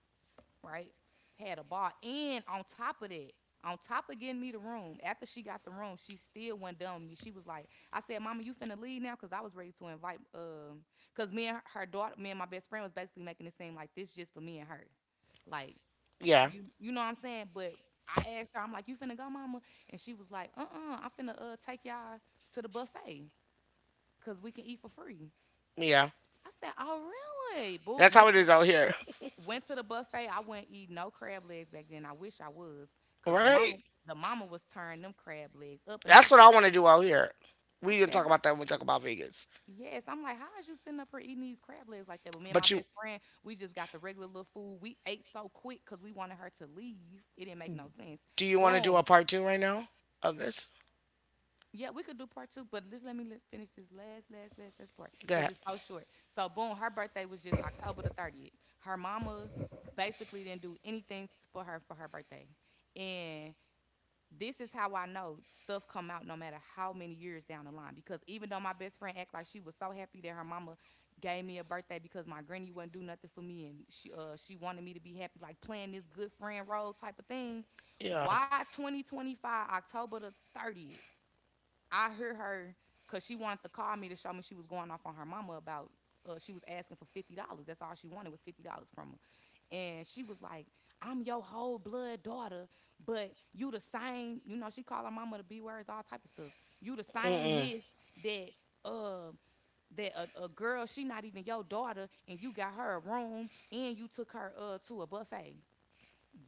S2: right? Had a bar. And on top of that, on top of getting me the room, after she got the room, she still went down with me. She was like, I said, "Mama, you finna leave now?" Cause I was ready to invite cause me and her, her daughter, me and my best friend was basically making it seem like this just for me and her. Like,
S1: yeah,
S2: you know what I'm saying? But I asked her, I'm like, "You finna go, mama?" And she was like, I am finna take y'all to the buffet. Cause we can eat for free."
S1: yeah.
S2: I said, "Oh really?" Boo
S1: That's how
S2: went
S1: it
S2: to
S1: is out here,
S2: Went to the buffet. I wouldn't eat no crab legs back then. I wish I was, cause
S1: right?
S2: the mama was turning them crab legs up, and I was
S1: That's what
S2: like,
S1: I want to do out here.
S2: I
S1: We didn't
S2: said,
S1: talk
S2: "How?"
S1: about that when we talk about Vegas.
S2: Yes. I'm like, how is you sitting up here eating these crab legs like that? But me and my
S1: But you,
S2: best friend, we just got the regular little food. We ate so quick, cause we wanted her to leave. It didn't make no sense.
S1: do you want to do a
S2: Boom.
S1: part two right now of this?
S2: Yeah, we could do part two, but just finish this last part
S1: Go
S2: because
S1: ahead.
S2: it's so short. So, boom, her birthday was just October the 30th. Her mama basically didn't do anything for her birthday. And this is how I know stuff come out no matter how many years down the line. Because even though my best friend act like she was so happy that her mama gave me a birthday because my granny wouldn't do nothing for me and she wanted me to be happy, like playing this good friend role type of thing.
S1: Yeah.
S2: Why 2025 October the 30th? I heard her because she wanted to call me to show me she was going off on her mama about she was asking for $50. That's all she wanted was $50 from her. And she was like, "I'm your whole blood daughter, but you the same." You know, she called her mama the b words, all type of stuff. You the same
S1: Mm-mm.
S2: this that um that a girl she not even your daughter, and you got her a room, and you took her to a buffet.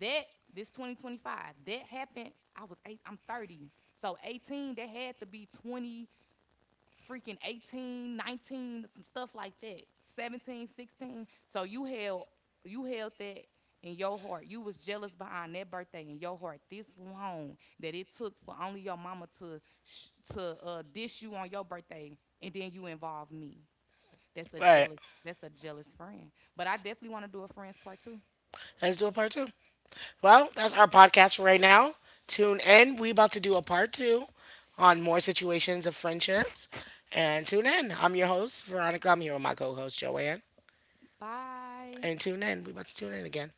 S2: That this 2025 that happened. I was eight. I'm 30. So 18, that had to be 20 freaking 18, 19, some stuff like that. 17, 16. So you held that in your heart. You was jealous behind that birthday in your heart this long that it took for only your mama to dish you on your birthday and then you involve me. That's a
S1: All right.
S2: jealous friend. But I definitely want to do a friends part too.
S1: Let's do a part two. Well, that's our podcast for right now. Tune in. We about to do a part two on more situations of friendships. And tune in. I'm your host, Veronica. I'm here with my co-host, Joanne.
S2: Bye.
S1: And tune in. We about to tune in again.